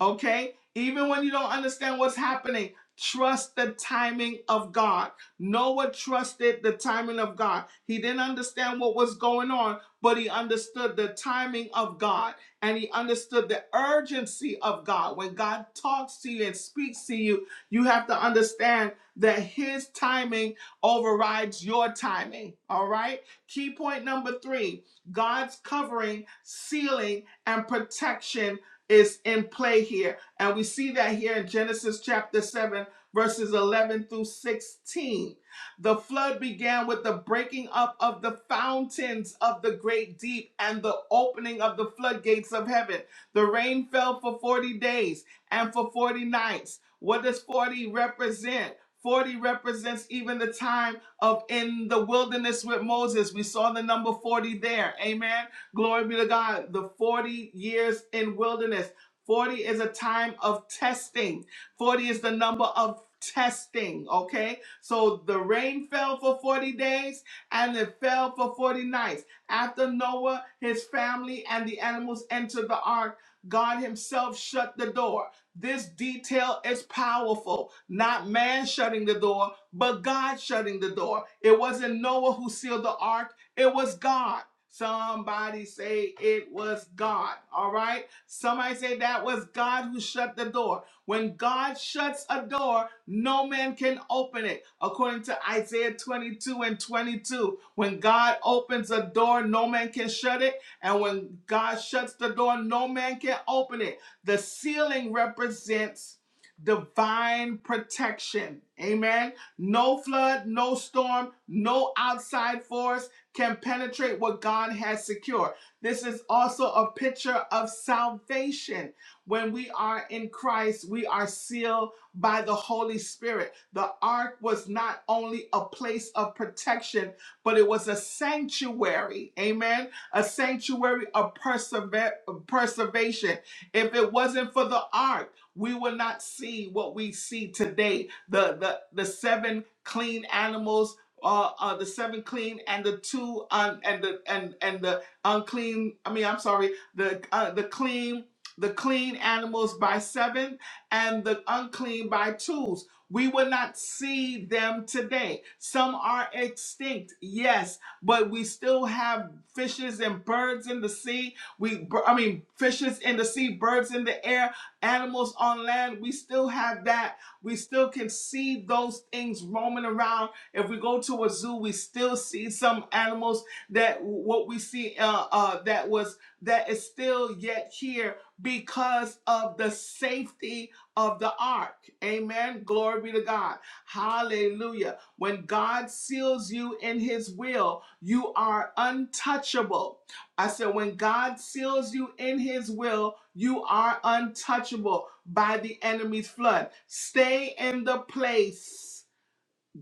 Speaker 1: Okay? Even when you don't understand what's happening, trust the timing of God. Noah trusted the timing of God. He didn't understand what was going on, but he understood the timing of God and he understood the urgency of God. When God talks to you and speaks to you, you have to understand that his timing overrides your timing. All right? Key point number three God's covering, sealing, and protection is in play here. And we see that here in Genesis chapter 7, verses 11 through 16. The flood began with the breaking up of the fountains of the great deep and the opening of the floodgates of heaven. The rain fell for 40 days and for 40 nights. What does 40 represent? 40 represents even the time of in the wilderness with Moses. We saw the number 40 there. Amen Glory be to God. The 40 years in wilderness. 40 is a time of testing. 40 is the number of testing, okay? So the rain fell for 40 days and it fell for 40 nights. After Noah, his family, and the animals entered the ark, God himself shut the door. This detail is powerful. Not man shutting the door, but God shutting the door. It wasn't Noah who sealed the ark, it was God. Somebody say it was God. All right. Somebody say that was God who shut the door. When God shuts a door, no man can open it. According to Isaiah 22 and 22, when God opens a door, no man can shut it. And when God shuts the door, no man can open it. The ceiling represents divine protection. Amen. No flood, no storm, no outside force can penetrate what God has secured. This is also a picture of salvation. When we are in Christ, we are sealed by the Holy Spirit. The ark was not only a place of protection, but it was a sanctuary. Amen. A sanctuary of persever- preservation. If it wasn't for the ark, we will not see what we see today. The, the, the seven clean animals uh, uh, the seven clean and the two un- and the and and the unclean. I mean, I'm sorry, the uh, the clean the clean animals by seven and the unclean by twos. We will not see them today. Some are extinct, yes, but we still have fishes and birds in the sea. We, I mean, fishes in the sea, birds in the air, animals on land. We still have that. We still can see those things roaming around if we go to a zoo, we still see some animals that what we see uh, uh, that was that is still yet here because of the safety of the ark. Amen. Glory be to God. Hallelujah. When God seals you in His will, you are untouchable. I said, when God seals you in His will, you are untouchable by the enemy's flood. Stay in the place.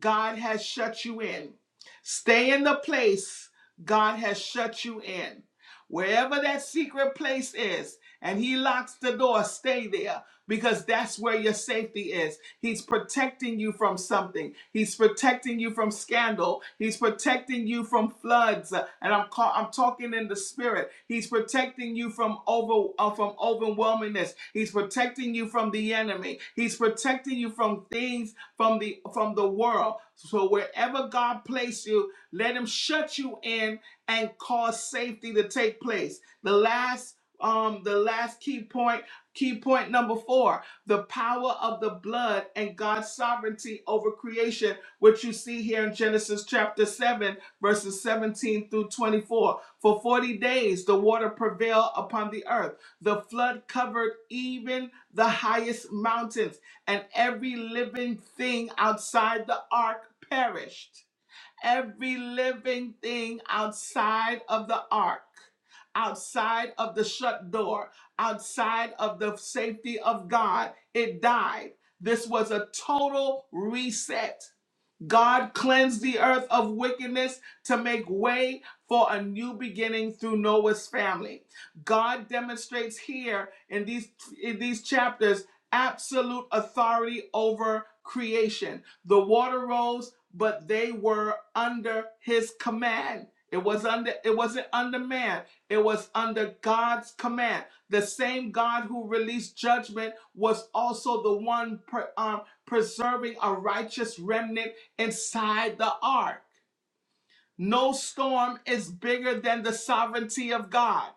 Speaker 1: God has shut you in. Stay in the place God has shut you in. Wherever that secret place is, and He locks the door, stay there because that's where your safety is. He's protecting you from something. He's protecting you from scandal. He's protecting you from floods. Uh, And I'm call, I'm talking in the spirit. He's protecting you from over uh, from overwhelmingness. He's protecting you from the enemy. He's protecting you from things from the from the world. So wherever God placed you, let him shut you in and cause safety to take place. The last um the last key point Key point number four the power of the blood and God's sovereignty over creation, which you see here in Genesis chapter 7, verses 17 through 24. For 40 days the water prevailed upon the earth. The flood covered even the highest mountains, and every living thing outside the ark perished every living thing outside of the ark, outside of the shut door, outside of the safety of God, it died. This was a total reset God cleansed the earth of wickedness to make way for a new beginning through Noah's family. God demonstrates here in these in these chapters absolute authority over creation. The water rose, but they were under his command. It was under it wasn't under man. It was under God's command. The same God who released judgment was also the one pre- um, preserving a righteous remnant inside the ark. No storm is bigger than the sovereignty of God.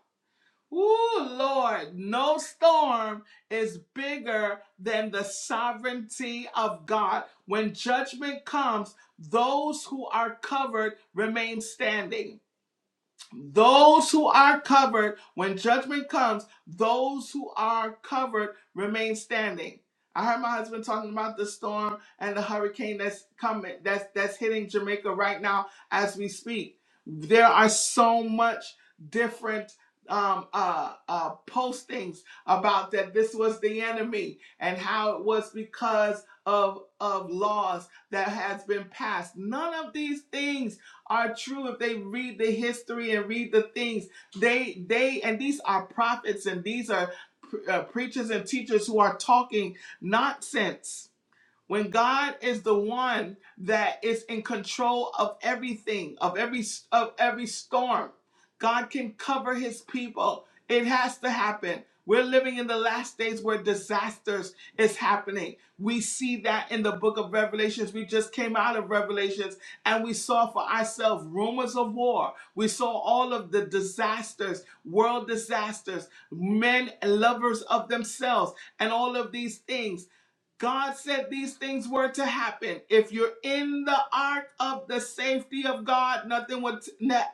Speaker 1: Ooh, Lord, no storm is bigger than the sovereignty of God. When judgment comes, those who are covered remain standing. Those who are covered, when judgment comes, those who are covered remain standing. I heard my husband talking about the storm and the hurricane that's coming, that's that's hitting Jamaica right now as we speak. There are so much different um, uh, uh, postings about that this was the enemy and how it was because of of laws that has been passed. None of these things are true if they read the history and read the things they they and these are prophets and these are pr- uh, preachers and teachers who are talking nonsense when God is the one that is in control of everything, of every of every storm, God can cover his people. It has to happen. We're living in the last days where disasters is happening. We see that in the book of Revelations. We just came out of Revelations and we saw for ourselves rumors of war. We saw all of the disasters, world disasters, men lovers of themselves, and all of these things God said these things were to happen. If you're in the ark of the safety of God, nothing will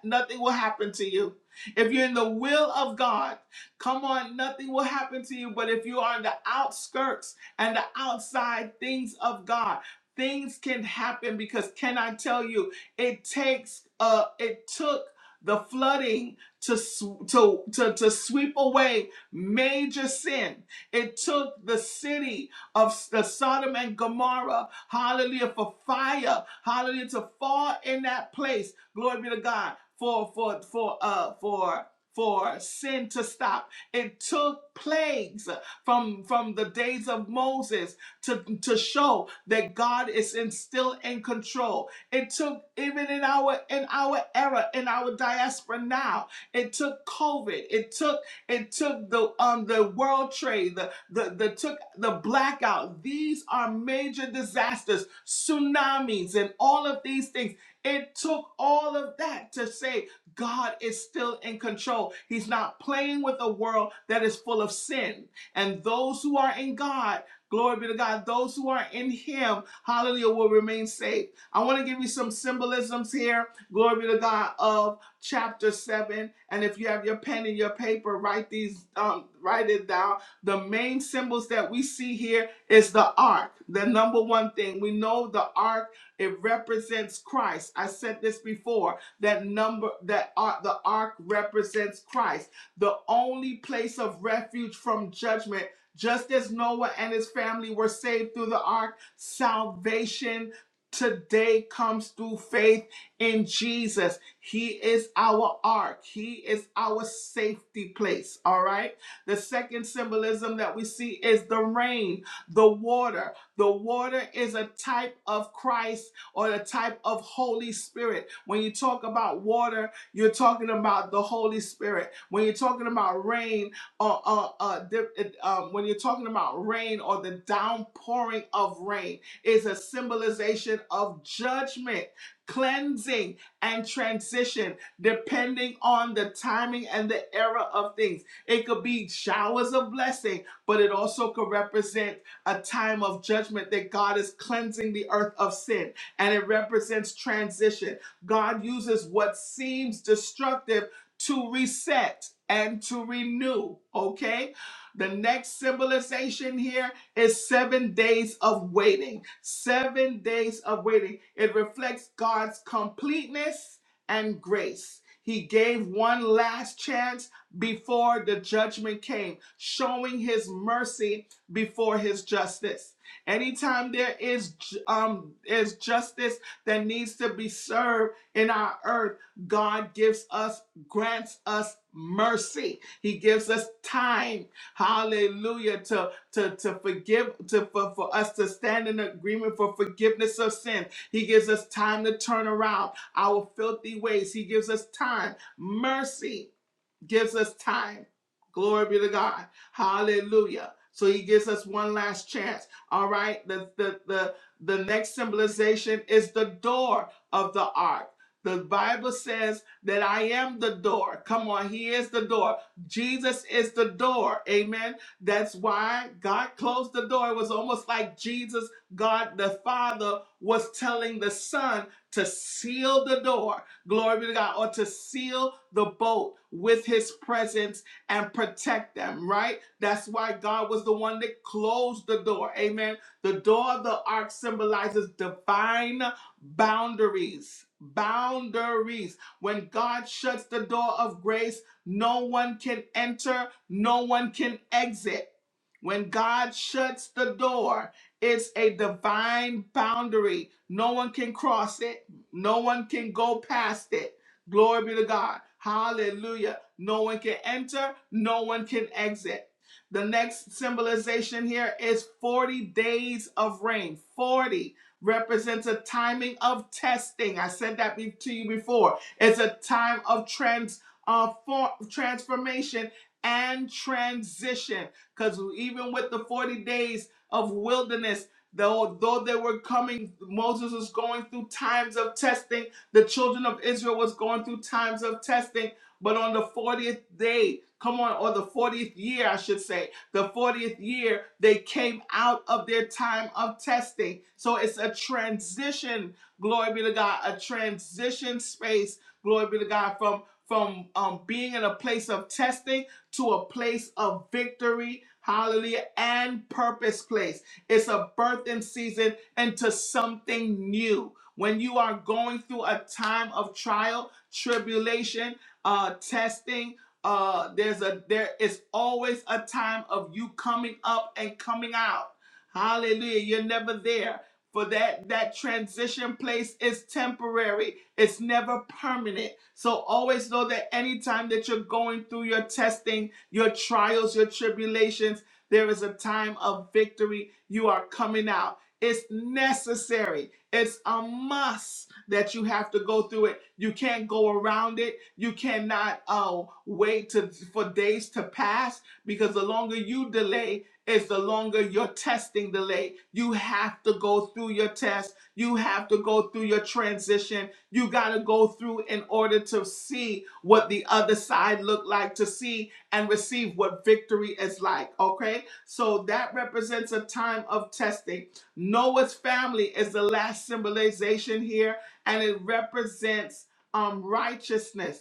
Speaker 1: nothing will happen to you. If you're in the will of God, come on, nothing will happen to you. But if you are on the outskirts and the outside things of God, things can happen because can I tell you, it takes uh it took the flooding to sw- to to, to sweep away major sin. It took the city of the Sodom and Gomorrah, hallelujah, for fire, hallelujah, to fall in that place. Glory be to God. For for for uh for for sin to stop. It took plagues from from the days of Moses to to show that God is in, still in control. It took even in our in our era in our diaspora now. It took COVID. It took it took the um the World Trade, the the, the took the blackout. These are major disasters, tsunamis, and all of these things. It took all of that to say God is still in control. He's not playing with a world that is full of sin. And those who are in God, glory be to God, those who are in Him, hallelujah, will remain safe. I want to give you some symbolisms here, glory be to God, of chapter 7. And if you have your pen and your paper, write these, um, write it down. The main symbols that we see here is the ark, the number one thing. We know the ark, it represents Christ. I said this before that number, that ark, the ark represents Christ, the only place of refuge from judgment. Just as Noah and his family were saved through the ark, salvation today comes through faith in Jesus. He is our ark, He is our safety place. All right. The second symbolism that we see is the rain, the water. The water is a type of Christ or a type of Holy Spirit. When you talk about water, you're talking about the Holy Spirit. When you're talking about rain, or uh, uh, di- um, when you're talking about rain or the downpouring of rain, is a symbolization of judgment cleansing, and transition, depending on the timing and the era of things. It could be showers of blessing, but it also could represent a time of judgment that God is cleansing the earth of sin, and it represents transition. God uses what seems destructive to reset and to renew, okay? The next symbolization here is seven days of waiting. Seven days of waiting. It reflects God's completeness and grace. He gave one last chance before the judgment came, showing his mercy before his justice. Anytime there is um is justice that needs to be served in our earth, God gives us grants us mercy. He gives us time, hallelujah, To to, to forgive, to for, for us to stand in agreement for forgiveness of sin. He gives us time to turn around our filthy ways. He gives us time, mercy gives us time. Glory be to God. Hallelujah. So he gives us one last chance. All right. The the the, the next symbolization is the door of the ark. The Bible says that I am the door. Come on, he is the door. Jesus is the door. Amen. That's why God closed the door. It was almost like Jesus, God the Father, was telling the Son to seal the door glory be to God, or to seal the boat with his presence and protect them, right? That's why God was the one that closed the door. Amen. The door of the ark symbolizes divine boundaries. Boundaries. When God shuts the door of grace, no one can enter, no one can exit. When God shuts the door, it's a divine boundary. No one can cross it. No one can go past it. Glory be to God. Hallelujah. No one can enter, no one can exit. The next symbolization here is 40 days of rain. 40 represents a timing of testing. I said that to you before. It's a time of trans uh, for, transformation and transition because even with the 40 days of wilderness Though, though they were coming, Moses was going through times of testing. The children of Israel was going through times of testing. But on the 40th day, come on, or the 40th year, I should say, the 40th year, they came out of their time of testing. So it's a transition, glory be to God, a transition space, glory be to God, from from um, being in a place of testing to a place of victory, hallelujah, and purpose place. It's a birthing season into something new. When you are going through a time of trial, tribulation, uh, testing, uh, there's a there is always a time of you coming up and coming out. Hallelujah! You're never there. For that that transition place is temporary. It's never permanent. So always know that anytime that you're going through your testing, your trials, your tribulations there is a time of victory. You are coming out. It's necessary. It's a must that you have to go through it. You can't go around it. You cannot uh, wait to, for days to pass because the longer you delay, is the longer your testing delay. You have to go through your test. You have to go through your transition. You got to go through in order to see what the other side looked like, to see and receive what victory is like. Okay, so that represents a time of testing. Noah's family is the last symbolization here, and it represents um righteousness.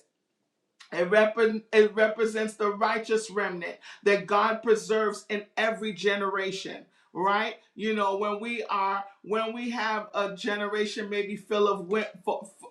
Speaker 1: It, rep- it represents the righteous remnant that God preserves in every generation, right? You know, when we are, when we have a generation maybe filled of wi-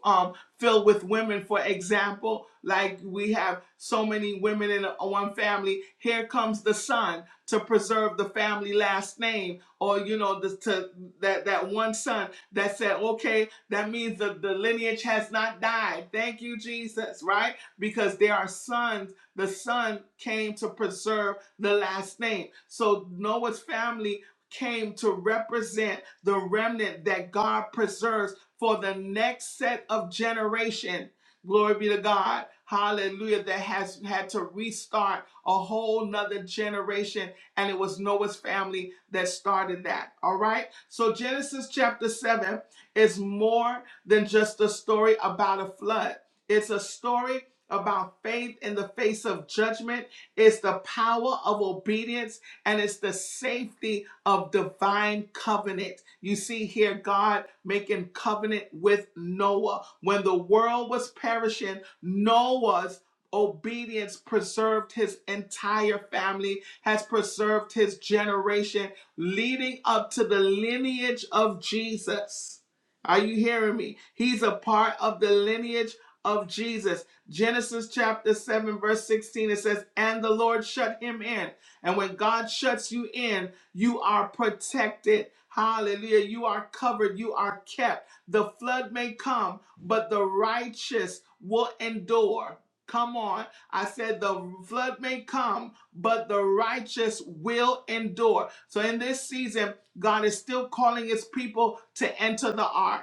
Speaker 1: um, filled with women, for example, like we have so many women in a- one family. Here comes the son to preserve the family last name, or you know, the, to that that one son that said, okay, that means the, the lineage has not died. Thank you, Jesus, right? because they are sons. The son came to preserve the last name. So Noah's family came to represent the remnant that God preserves for the next set of generation. Glory be to God. Hallelujah. That has had to restart a whole nother generation. And it was Noah's family that started that. All right. So Genesis chapter 7 is more than just a story about a flood. It's a story about faith in the face of judgment. is the power of obedience and it's the safety of divine covenant. You see here, God making covenant with Noah. When the world was perishing, Noah's obedience preserved his entire family, has preserved his generation, leading up to the lineage of Jesus. Are you hearing me? He's a part of the lineage of Jesus. Genesis chapter 7, verse 16, it says, And the Lord shut him in. And when God shuts you in, you are protected. Hallelujah. You are covered. You are kept. The flood may come, but the righteous will endure. Come on. I said the flood may come, but the righteous will endure. So in this season, God is still calling his people to enter the ark.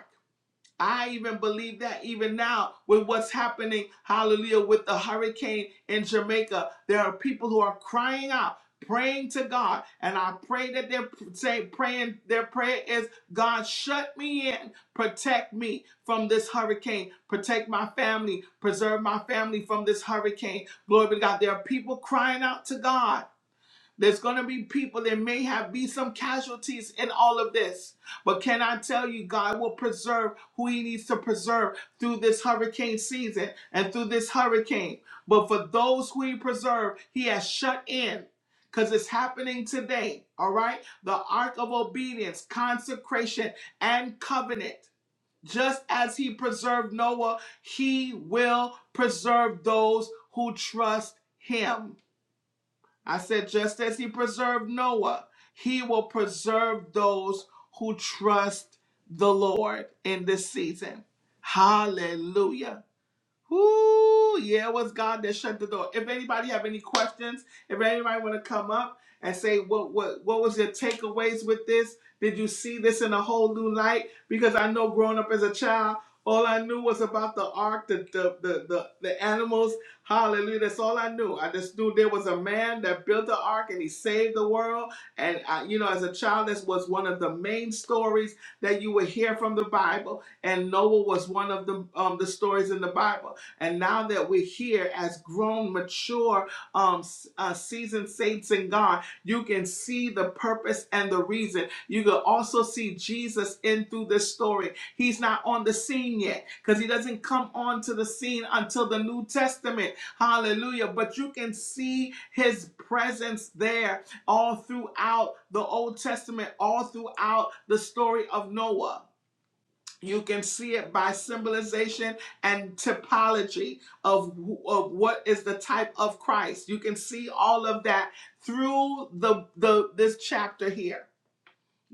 Speaker 1: I even believe that even now with what's happening, hallelujah, with the hurricane in Jamaica, there are people who are crying out, praying to God. And I pray that they're saying, praying, their prayer is, God, shut me in, protect me from this hurricane, protect my family, preserve my family from this hurricane. Glory be to God. There are people crying out to God. There's going to be people, there may have be some casualties in all of this. But can I tell you, God will preserve who He needs to preserve through this hurricane season and through this hurricane. But for those who He preserved, He has shut in because it's happening today. All right? The ark of obedience, consecration, and covenant. Just as He preserved Noah, He will preserve those who trust Him. I said, just as he preserved Noah, he will preserve those who trust the Lord in this season. Hallelujah. Whoo! Yeah, it was God that shut the door. If anybody have any questions, if anybody want to come up and say what what what was your takeaways with this? Did you see this in a whole new light? Because I know growing up as a child, all I knew was about the ark, the the the the, the animals. Hallelujah! That's all I knew. I just knew there was a man that built the ark and he saved the world. And I, you know, as a child, this was one of the main stories that you would hear from the Bible. And Noah was one of the um the stories in the Bible. And now that we're here as grown, mature, um, uh, seasoned saints in God, you can see the purpose and the reason. You can also see Jesus in through this story. He's not on the scene yet because he doesn't come onto the scene until the New Testament. Hallelujah. But you can see his presence there all throughout the Old Testament, all throughout the story of Noah. You can see it by symbolization and typology of, of what is the type of Christ. You can see all of that through the, the this chapter here.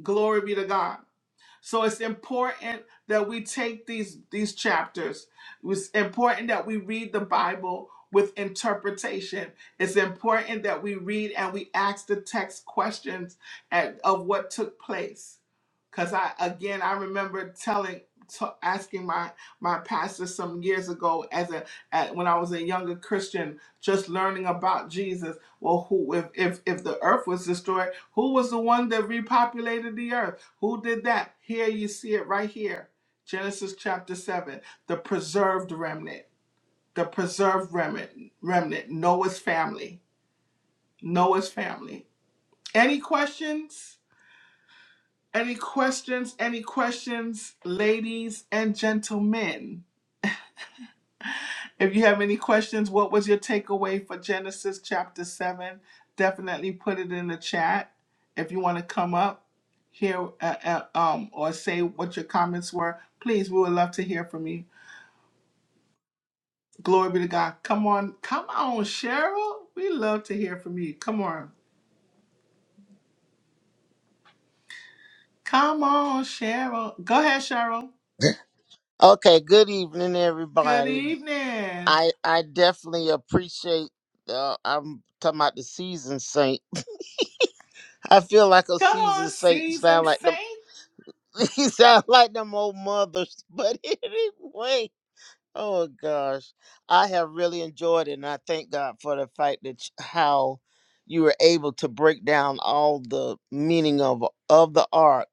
Speaker 1: Glory be to God. So it's important that we take these these chapters. It's important that we read the Bible with interpretation. It's important that we read and we ask the text questions at, of what took place. Cause I again I remember telling t- asking my my pastor some years ago as a at, when I was a younger Christian just learning about Jesus well, who if, if if the earth was destroyed, who was the one that repopulated the earth? Who did that? Here you see it right here. Genesis chapter 7, the preserved remnant, the preserved remnant, remnant, Noah's family, Noah's family. Any questions? Any questions? Any questions, ladies and gentlemen? If you have any questions, what was your takeaway for Genesis chapter 7? Definitely put it in the chat. If you want to come up here uh, uh, um, or say what your comments were, please, we would love to hear from you. Glory be to God. Come on, come on, Cheryl. We love to hear from you. Come on. Come on, Cheryl. Go ahead, Cheryl.
Speaker 3: Okay, good evening,
Speaker 1: Good
Speaker 3: everybody.
Speaker 1: evening.
Speaker 3: I I definitely appreciate. Uh, I'm talking about the seasoned saint. I feel like a
Speaker 1: Come on,
Speaker 3: seasoned saint. Sound
Speaker 1: season
Speaker 3: like them.
Speaker 1: saint.
Speaker 3: He sound like them old mothers. But anyway, oh gosh, I have really enjoyed it, and I thank God for the fact that sh- how you were able to break down all the meaning of of the art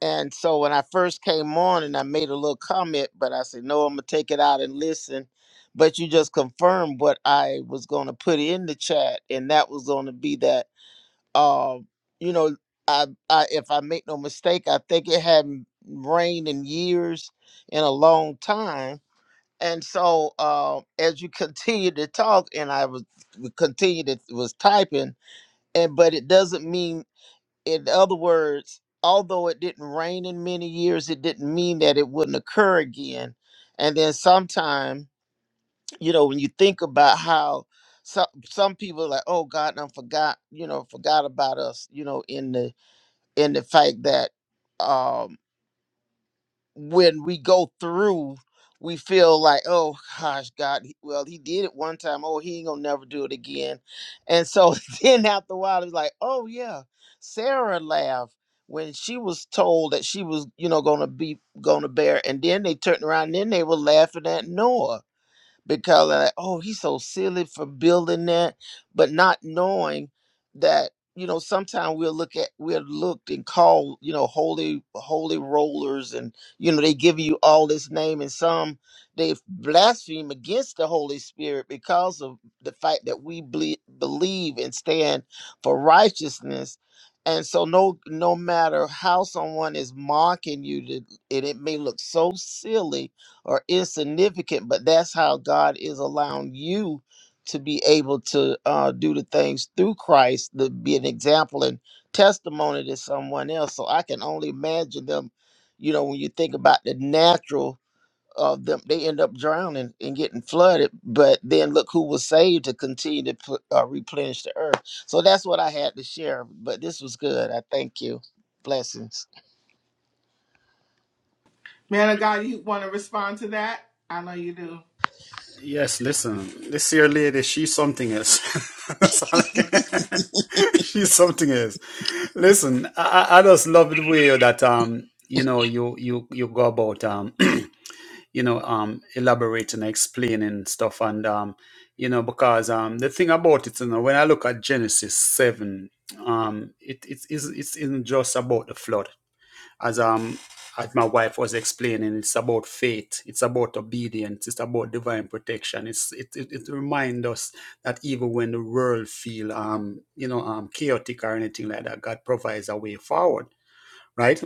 Speaker 3: And so when I first came on and I made a little comment, but I said, no, I'm going to take it out and listen. But you just confirmed what I was going to put in the chat. And that was going to be that, uh, you know, I, I, if I make no mistake, I think it hadn't rained in years, in a long time. And so uh, as you continue to talk and I was continue to was typing, and but it doesn't mean in other words, although it didn't rain in many years, it didn't mean that it wouldn't occur again. And then sometime, you know, when you think about how some some people are like, oh God, I forgot, you know, forgot about us, you know, in the in the fact that um, when we go through, we feel like, oh gosh, God, he- well, he did it one time. Oh, he ain't gonna never do it again. And so then after a while, it's like, oh yeah, Sarah laughed when she was told that she was, you know, gonna be gonna bear. And then they turned around and then they were laughing at Noah because they're like, oh, he's so silly for building that, but not knowing that you know sometimes we'll look at we're looked and called you know holy holy rollers and you know they give you all this name and some they blaspheme against the holy spirit because of the fact that we ble- believe and stand for righteousness and so no no matter how someone is mocking you it it may look so silly or insignificant, but that's how God is allowing you to be able to uh, do the things through Christ, to be an example and testimony to someone else. So I can only imagine them, you know, when you think about the natural of them, they end up drowning and getting flooded, but then look who was saved to continue to pl- uh, replenish the earth. So that's what I had to share, but this was good. I thank you. Blessings.
Speaker 1: Man of God, you want to respond to that? I know you do.
Speaker 2: Yes, listen, this here lady, she's something else. That's all I can- she's something else. Listen, I, I I just love the way that um, you know, you you you go about um, you know, um, elaborating, explaining stuff, and um, you know, because um, the thing about it, you know, when I look at Genesis seven, um, it it is it's isn't just about the flood as um as my wife was explaining, it's about faith, it's about obedience, it's about divine protection. It's it it, it reminds us that even when the world feel um you know um chaotic or anything like that, God provides a way forward, right?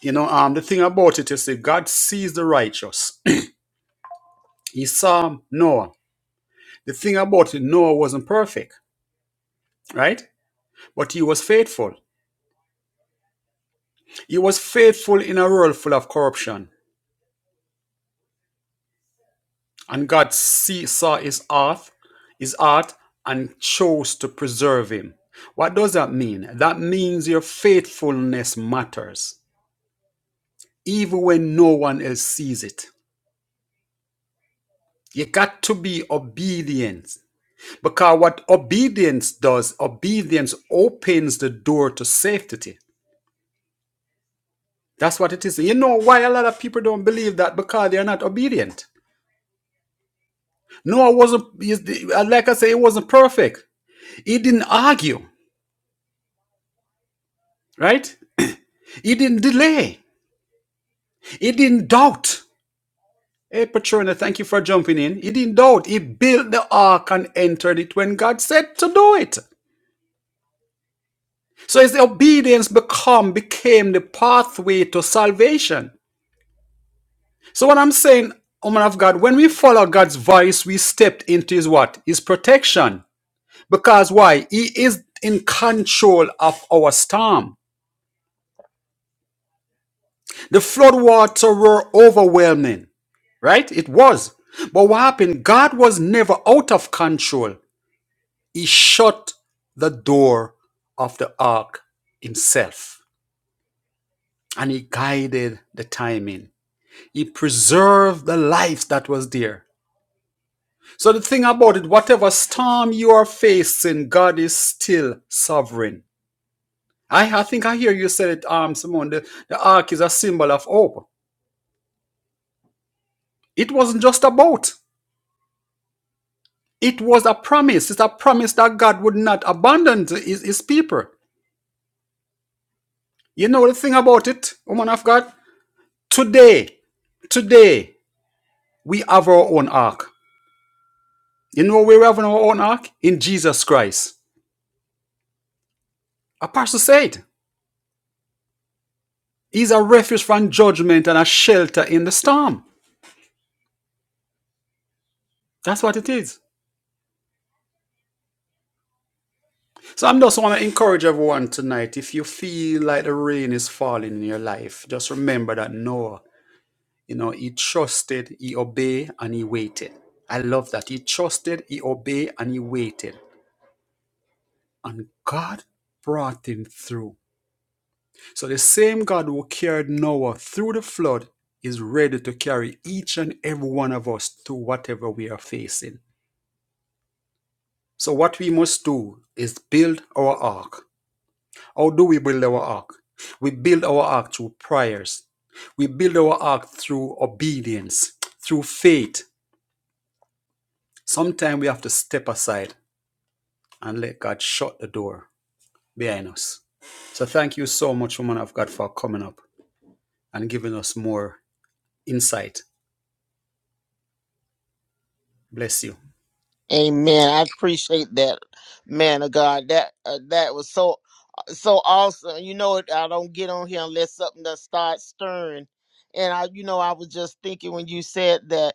Speaker 2: You know um the thing about it is that God sees the righteous. he saw Noah. The thing about it, Noah wasn't perfect, right? But he was faithful. He was faithful in a world full of corruption. And God see, saw his art, his art and chose to preserve him. What does that mean? That means your faithfulness matters, even when no one else sees it. You got to be obedient because what obedience does, obedience opens the door to safety. That's what it is. You know why a lot of people don't believe that because they're not obedient. Noah wasn't, like I say, it wasn't perfect. He didn't argue, right? He didn't delay. He didn't doubt. Hey, Patrona, thank you for jumping in. He didn't doubt. He built the ark and entered it when God said to do it. So his obedience become became the pathway to salvation. So what I'm saying, woman of God, when we follow God's voice, we stepped into his what? His protection. Because why? He is in control of our storm. The floodwaters were overwhelming, right? It was. But what happened? God was never out of control. He shut the door of the ark himself and he guided the timing. He preserved the life that was there. So the thing about it, whatever storm you are facing, God is still sovereign. I, I think I hear you said it, um, Simone. The, the ark is a symbol of hope. It wasn't just a boat. It was a promise. It's a promise that God would not abandon his, his people. You know the thing about it, woman of God? Today, today, we have our own ark. You know where we have our own ark? In Jesus Christ. Apostle said, He's a refuge from judgment and a shelter in the storm. That's what it is. So I'm just want to encourage everyone tonight. If you feel like the rain is falling in your life, just remember that Noah You know, he trusted, he obeyed, and he waited. I love that. He trusted, he obeyed, and he waited. And God brought him through. So the same God who carried Noah through the flood is ready to carry each and every one of us through whatever we are facing. So what we must do is build our ark. How do we build our ark? We build our ark through prayers. We build our ark through obedience, through faith. Sometimes we have to step aside. and let God shut the door behind us. So thank you so much, woman of God, for coming up and giving us more insight. Bless you.
Speaker 3: Amen. I appreciate that, man of God. That uh, that was so so awesome. You know, I don't get on here unless something that starts stirring. And I, you know, I was just thinking when you said that,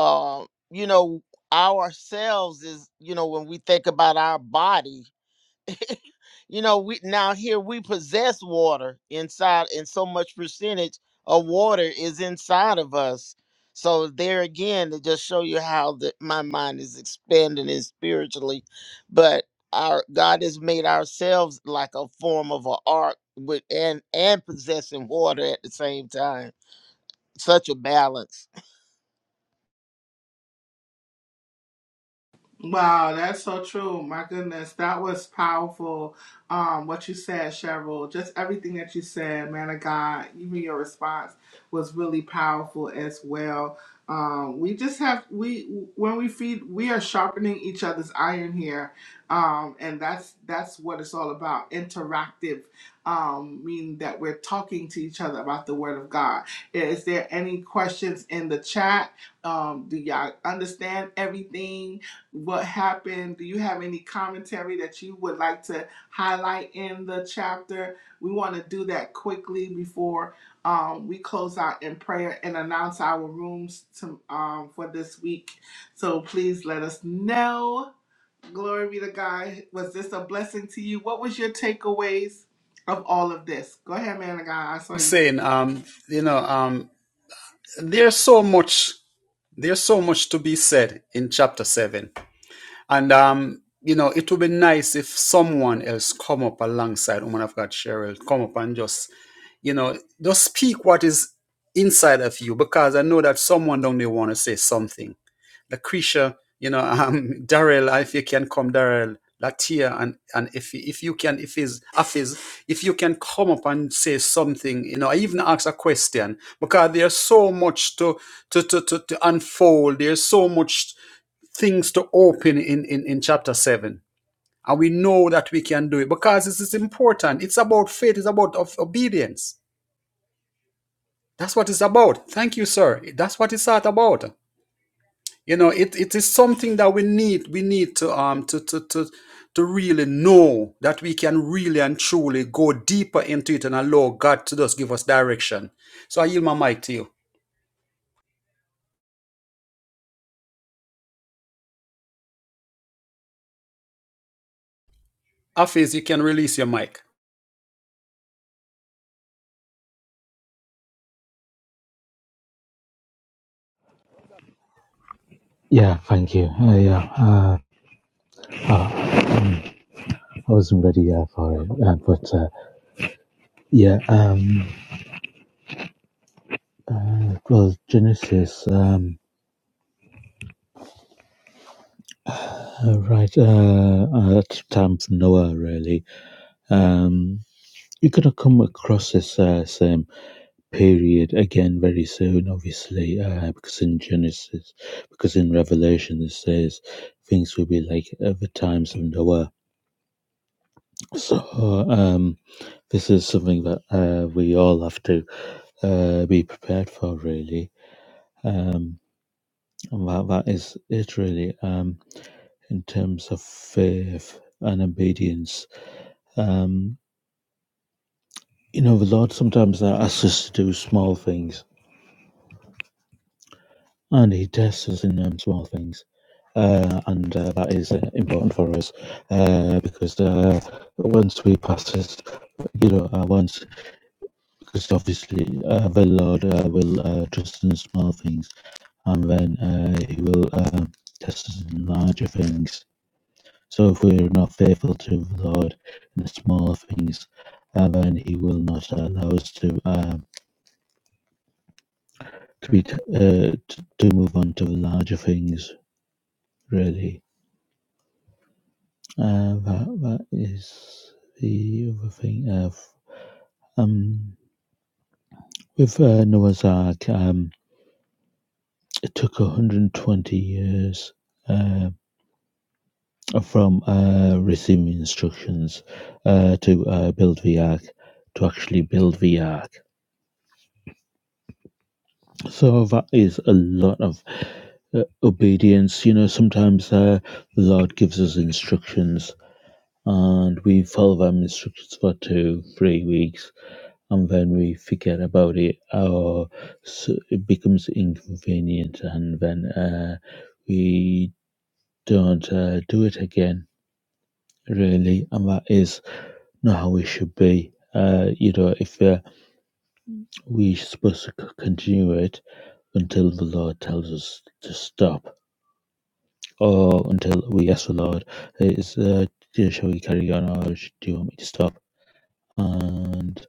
Speaker 3: um, you know, ourselves is, you know, when we think about our body, you know we now here we possess water inside and so much percentage of water is inside of us so there again to just show you how the, my mind is expanding and spiritually but our god has made ourselves like a form of an ark with and and possessing water at the same time such a balance
Speaker 1: Wow, that's so true. My goodness, that was powerful. Um, what you said, Cheryl, just everything that you said, man of God, even your response was really powerful as well. Um, we just have we when we feed, we are sharpening each other's iron here, um, and that's that's what it's all about. Interactive, um, meaning that we're talking to each other about the Word of God. Is there any questions in the chat? Um, do y'all understand everything? what happened. Do you have any commentary that you would like to highlight in the chapter? We want to do that quickly before um, we close out in prayer and announce our rooms to, um, for this week. So please let us know. Glory be to God. Was this a blessing to you? What was your takeaways of all of this? Go ahead, man of God. I saw
Speaker 2: I'm
Speaker 1: you.
Speaker 2: saying, um, you know, um, there's so much, there's so much to be said in chapter seven, and um, you know, it would be nice if someone else come up alongside woman of God, Cheryl, come up and just, you know, just speak what is inside of you, because I know that someone down there want to say something Lucretia, you know, um, Daryl, if you can come, Daryl, Latia, and and if if you can, if is Afiz, if you can come up and say something, you know, I even ask a question because there's so much to to to to, to unfold. There's so much things to open in in in chapter seven. And we know that we can do it because this is important. It's about faith. It's about of obedience. That's what it's about. Thank you, sir. That's what it's all about. you know it, it is something that we need we need to um to, to to to really know that we can really and truly go deeper into it and allow god to just give us direction so i yield my mic to you Afiz, you can release your mic
Speaker 4: Yeah, thank you. Uh, yeah, uh, I wasn't ready uh, for it, uh, but uh, yeah, um, uh, well, Genesis, um, uh, right uh, uh, at the time of Noah, really. Um, you're gonna come across this uh, same period again very soon, obviously, uh, because in Genesis, because in Revelation it says things will be like at the times of Noah. So um, this is something that uh, we all have to uh, be prepared for really um and that, that is it really um in terms of faith and obedience um you know the lord sometimes asks us to do small things and he tests us in um, small things uh, and uh, that is uh, important for us uh, because uh, once we pass this, you know, uh, once because obviously uh, the Lord uh, will uh, trust in small things and then uh, He will um, test us in larger things. So if we're not faithful to the Lord in the smaller things, and then He will not allow us to um, to be t- uh, t- to move on to the larger things. Really, uh, that that is the other thing. Uh, f- um, with uh, Noah's Ark, um, it took 120 years Uh, from uh, receiving instructions uh, to uh, build VARC to actually build VARC. So that is a lot of uh, obedience. You know, sometimes uh, the Lord gives us instructions and we follow them instructions for two, three weeks and then we forget about it or s it becomes inconvenient and then uh, we don't uh, do it again, really. And that is not how it should be. Uh, you know, if uh, we're supposed to c- continue it until the Lord tells us to stop, or until we ask the Lord, "Is uh, you know, shall we carry on, or sh- do you want me to stop?" And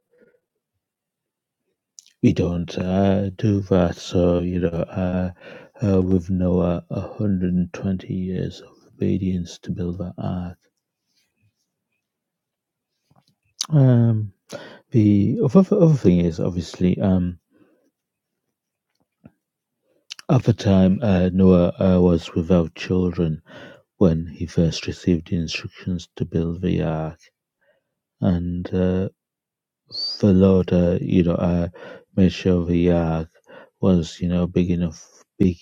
Speaker 4: we don't uh, do that. So you know, uh, uh, with Noah, 120 years of obedience to build that ark. Um, the other, other thing is obviously um, at the time uh, Noah uh, was without children when he first received the instructions to build the ark. And uh, the Lord, uh, you know, uh, made sure the ark was, you know, big enough, big,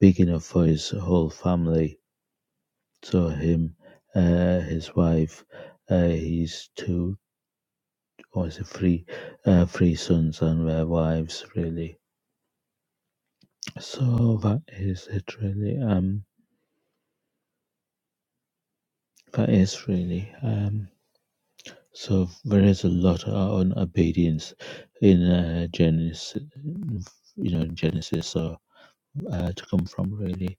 Speaker 4: big enough for his whole family. So him, uh, his wife, uh, his two, or is it three, uh, three sons and their wives, really. So that is it, really. Um, that is really. Um, So there's a lot on obedience in uh, Genesis, you know, Genesis. So uh, to come from really,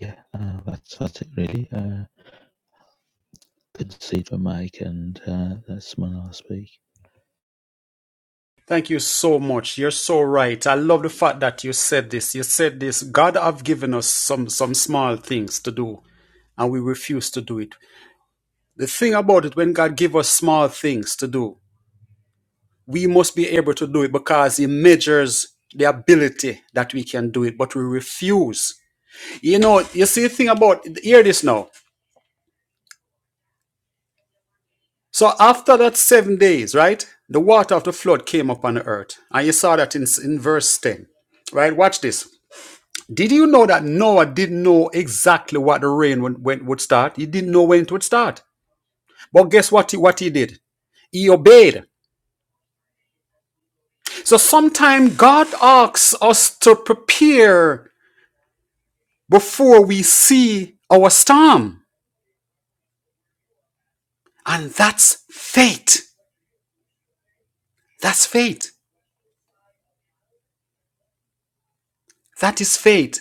Speaker 4: yeah, uh, that's that's it really. Uh, good to see it for Mike, and uh, that's my last week.
Speaker 2: thank you so much you're so right i love the fact that you said this you said this god have given us some some small things to do and we refuse to do it the thing about it when god give us small things to do we must be able to do it because he measures the ability that we can do it, but we refuse. You know, you see the thing about hear this now. So after that seven days, right, the water of the flood came upon the earth, and you saw that in, in verse ten, right? Watch this. Did you know that Noah didn't know exactly what the rain would, when, would start? He didn't know when it would start. But guess what? He, what he did? He obeyed. So sometimes God asks us to prepare before we see our storm. And that's faith. That's faith. That is faith.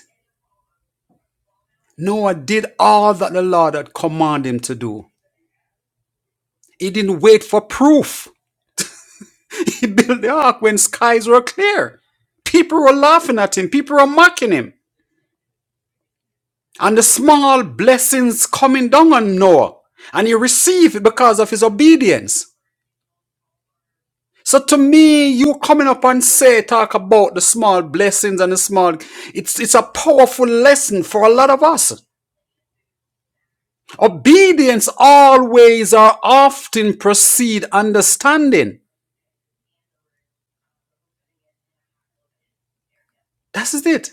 Speaker 2: Noah did all that the Lord had commanded him to do. He didn't wait for proof. He built the ark when skies were clear. People were laughing at him, people were mocking him. And the small blessings coming down on Noah. And he received it because of his obedience. So to me, you coming up and say, talk about the small blessings and the small, it's, it's a powerful lesson for a lot of us. Obedience always or often precede understanding. That's it.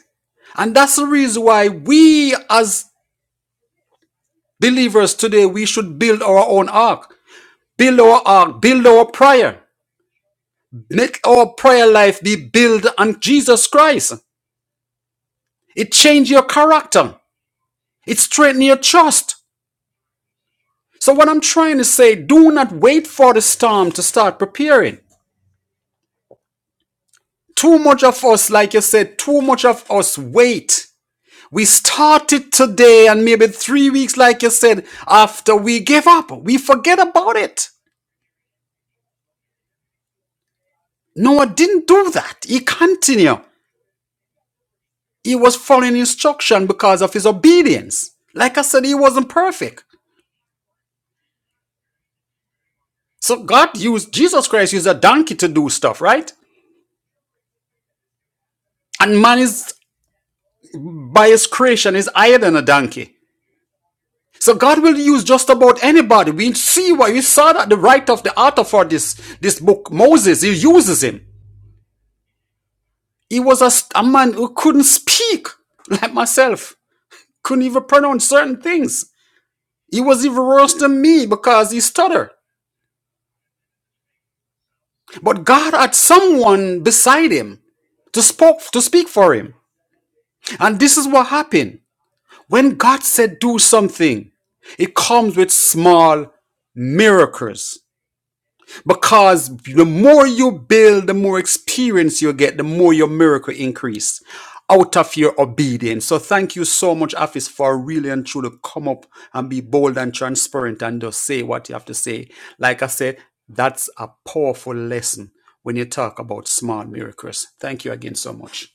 Speaker 2: And that's the reason why we as believers today, we should build our own ark, build our ark, build our prayer, make our prayer life be built on Jesus Christ. It changes your character. It strengthens your trust. So, what I'm trying to say, do not wait for the storm to start preparing. Too much of us, like you said, too much of us wait. We started today, and maybe three weeks, like you said, after we gave up, we forget about it. Noah didn't do that. He continued. He was following instruction because of his obedience. Like I said, he wasn't perfect. So God used Jesus Christ used a donkey to do stuff, right? And man is by his creation is higher than a donkey. So God will use just about anybody. We see why we saw that the writer of the author for this this book, Moses, he uses him. He was a a man who couldn't speak, like myself, couldn't even pronounce certain things. He was even worse than me because he stuttered. But God had someone beside him to spoke to speak for him. And this is what happened. When God said do something, it comes with small miracles. Because the more you build, the more experience you get, the more your miracle increase out of your obedience. So thank you so much, Afis, for really and truly come up and be bold and transparent and just say what you have to say. Like I said, that's a powerful lesson when you talk about small miracles. Thank you again so much.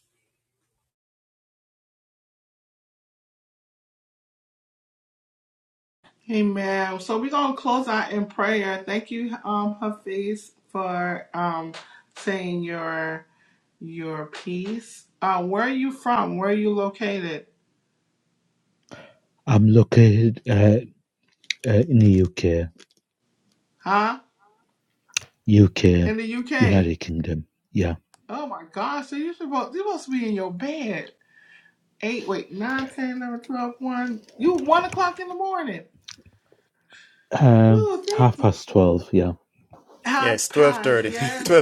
Speaker 1: Amen. So we're gonna close out in prayer. Thank you, um, Hafiz, for um saying your Your piece. Uh, where are you from? Where are you located?
Speaker 4: I'm located uh, uh, in the UK,
Speaker 1: Huh?
Speaker 4: UK,
Speaker 1: In the UK.
Speaker 4: United Kingdom. Yeah,
Speaker 1: Oh my gosh, so you supposed you supposed to be in your bed. Eight, wait, nine, ten, eleven, twelve, one. You one o'clock in the morning.
Speaker 4: um,
Speaker 1: Ooh, thank
Speaker 4: half
Speaker 1: you.
Speaker 4: past twelve. Yeah.
Speaker 1: Half
Speaker 2: Yes,
Speaker 1: past,
Speaker 2: 12.30.
Speaker 1: yes.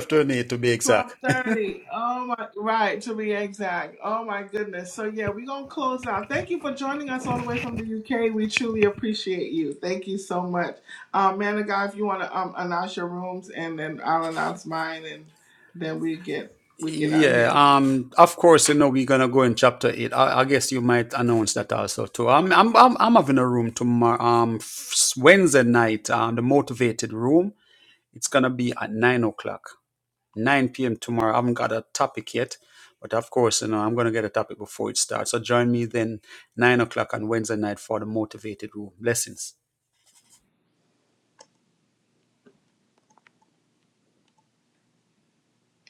Speaker 2: to be exact.
Speaker 1: Twelve thirty. Oh my, right to be exact. Oh my goodness. So yeah, we're gonna close out. Thank you for joining us all the way from the UK. We truly appreciate you. Thank you so much, um, man of God. If you want to um, announce your rooms, and then I'll announce mine, and then we get we get out of
Speaker 2: Yeah,
Speaker 1: here.
Speaker 2: um, of course, you know we're gonna go in chapter eight. I, I guess you might announce that also too. I'm, I'm, I'm, I'm having a room tomorrow, um, f- Wednesday night, um, the motivated room. It's gonna be at nine o'clock, nine p.m. tomorrow. I haven't got a topic yet, but of course, you know I'm gonna get a topic before it starts. So join me then nine o'clock on Wednesday night for the motivated room. Blessings.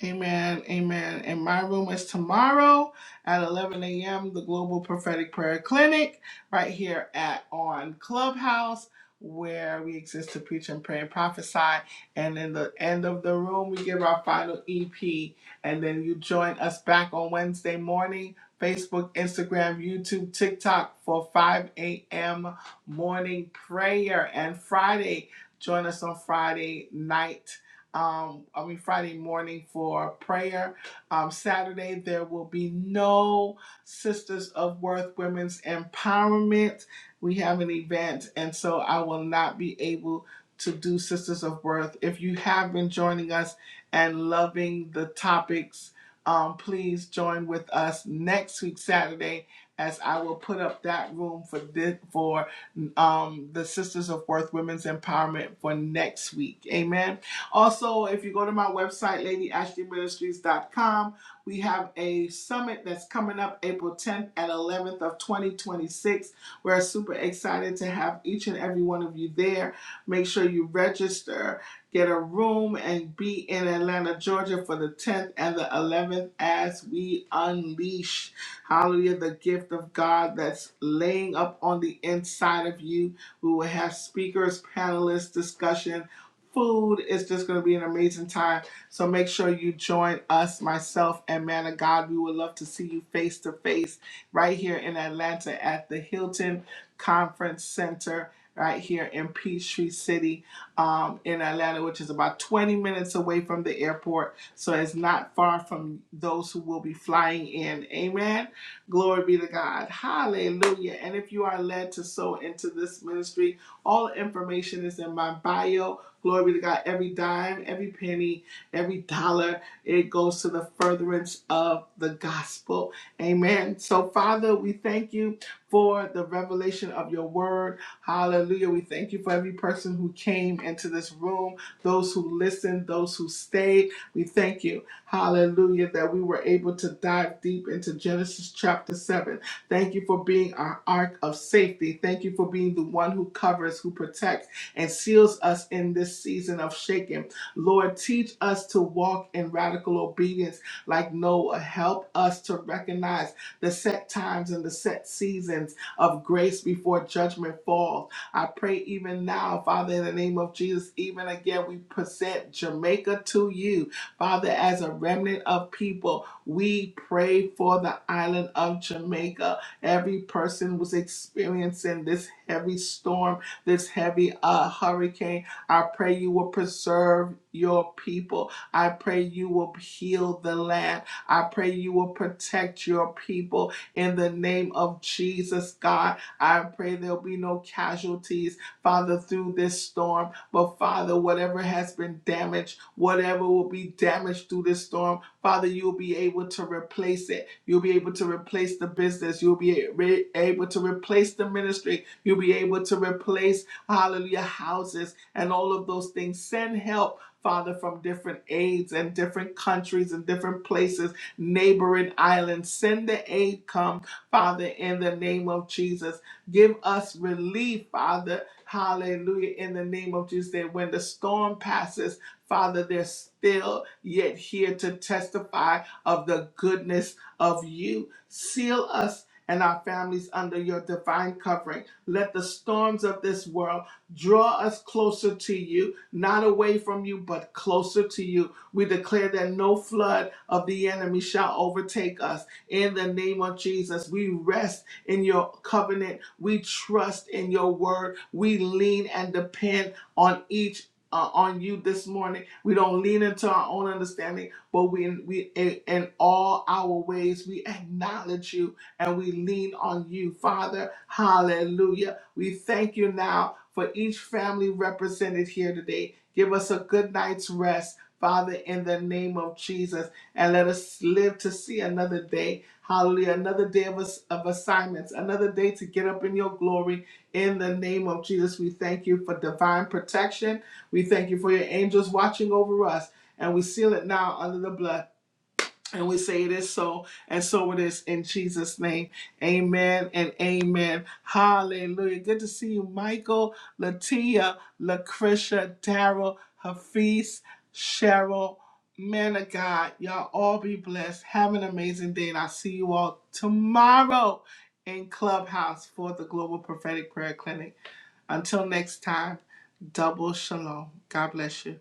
Speaker 1: Amen. Amen. And my room is tomorrow at 11 a.m. The Global Prophetic Prayer Clinic, right here at on Clubhouse, where we exist to preach and pray and prophesy. And in the end of the room, we give our final EP, and then you join us back on Wednesday morning. Facebook, Instagram, YouTube, TikTok for 5 a.m. morning prayer. And Friday, join us on Friday night um, I mean, Friday morning for prayer. Um, Saturday, there will be no Sisters of Worth Women's Empowerment. We have an event, and so I will not be able to do Sisters of Worth. If you have been joining us and loving the topics, um, please join with us next week, Saturday. As I will put up that room for this, for um, the Sisters of Worth Women's Empowerment for next week. Amen. Also, if you go to my website, ladyashleyministries.com, we have a summit that's coming up April 10th and 11th of 2026. We're super excited to have each and every one of you there. Make sure you register, get a room, and be in Atlanta, Georgia for the 10th and the 11th as we unleash, hallelujah, the gift of God that's laying up on the inside of you. We will have speakers, panelists, discussions food. It's just going to be an amazing time. So make sure you join us, myself, and man of God. We would love to see you face to face right here in Atlanta at the Hilton Conference Center. Right here in Peachtree City, um, in Atlanta, which is about 20 minutes away from the airport. So it's not far from those who will be flying in. Amen. Glory be to God. Hallelujah. And if you are led to sow into this ministry, all information is in my bio Glory be to God. Every dime, every penny, every dollar, it goes to the furtherance of the gospel. Amen. So, Father, we thank you for the revelation of your word. Hallelujah. We thank you for every person who came into this room, those who listened, those who stayed. We thank you. Hallelujah. That we were able to dive deep into Genesis chapter 7. Thank you for being our ark of safety. Thank you for being the one who covers, who protects and seals us in this season of shaking. Lord, teach us to walk in radical obedience like Noah. Help us to recognize the set times and the set seasons of grace before judgment falls. I pray even now, Father, in the name of Jesus, even again, we present Jamaica to you, Father, as a remnant of people. We pray for the island of Jamaica. Every person was experiencing this heavy storm this heavy uh, hurricane. I pray you will preserve your people. I pray you will heal the land. I pray you will protect your people in the name of Jesus, God. I pray there'll be no casualties, Father, through this storm. But Father, whatever has been damaged, whatever will be damaged through this storm, Father, you'll be able to replace it. You'll be able to replace the business. You'll be able to replace the ministry. You'll be able to replace, hallelujah, houses and all of those things. Send help. Father, from different aids and different countries and different places, neighboring islands. Send the aid come, Father, in the name of Jesus. Give us relief, Father. Hallelujah, in the name of Jesus. That when the storm passes, Father, they're still yet here to testify of the goodness of you. Seal us and our families under your divine covering. Let the storms of this world draw us closer to you, not away from you, but closer to you. We declare that no flood of the enemy shall overtake us. In the name of Jesus, we rest in your covenant. We trust in your word. We lean and depend on each. uh, on you this morning, we don't lean into our own understanding, but we we in, in all our ways we acknowledge you and we lean on you, Father. Hallelujah. We thank you now for each family represented here today. Give us a good night's rest, Father, in the name of Jesus, and let us live to see another day. Hallelujah. Another day of, ass- of assignments, another day to get up in your glory. In the name of Jesus, we thank you for divine protection. We thank you for your angels watching over us, and we seal it now under the blood. And we say it is so, and so it is in Jesus' name. Amen and amen. Hallelujah. Good to see you, Michael, Latia, Lucretia, Daryl, Hafiz, Cheryl, man of God. Y'all all be blessed. Have an amazing day, and I'll see you all tomorrow in Clubhouse for the Global Prophetic Prayer Clinic. Until next time, double shalom. God bless you.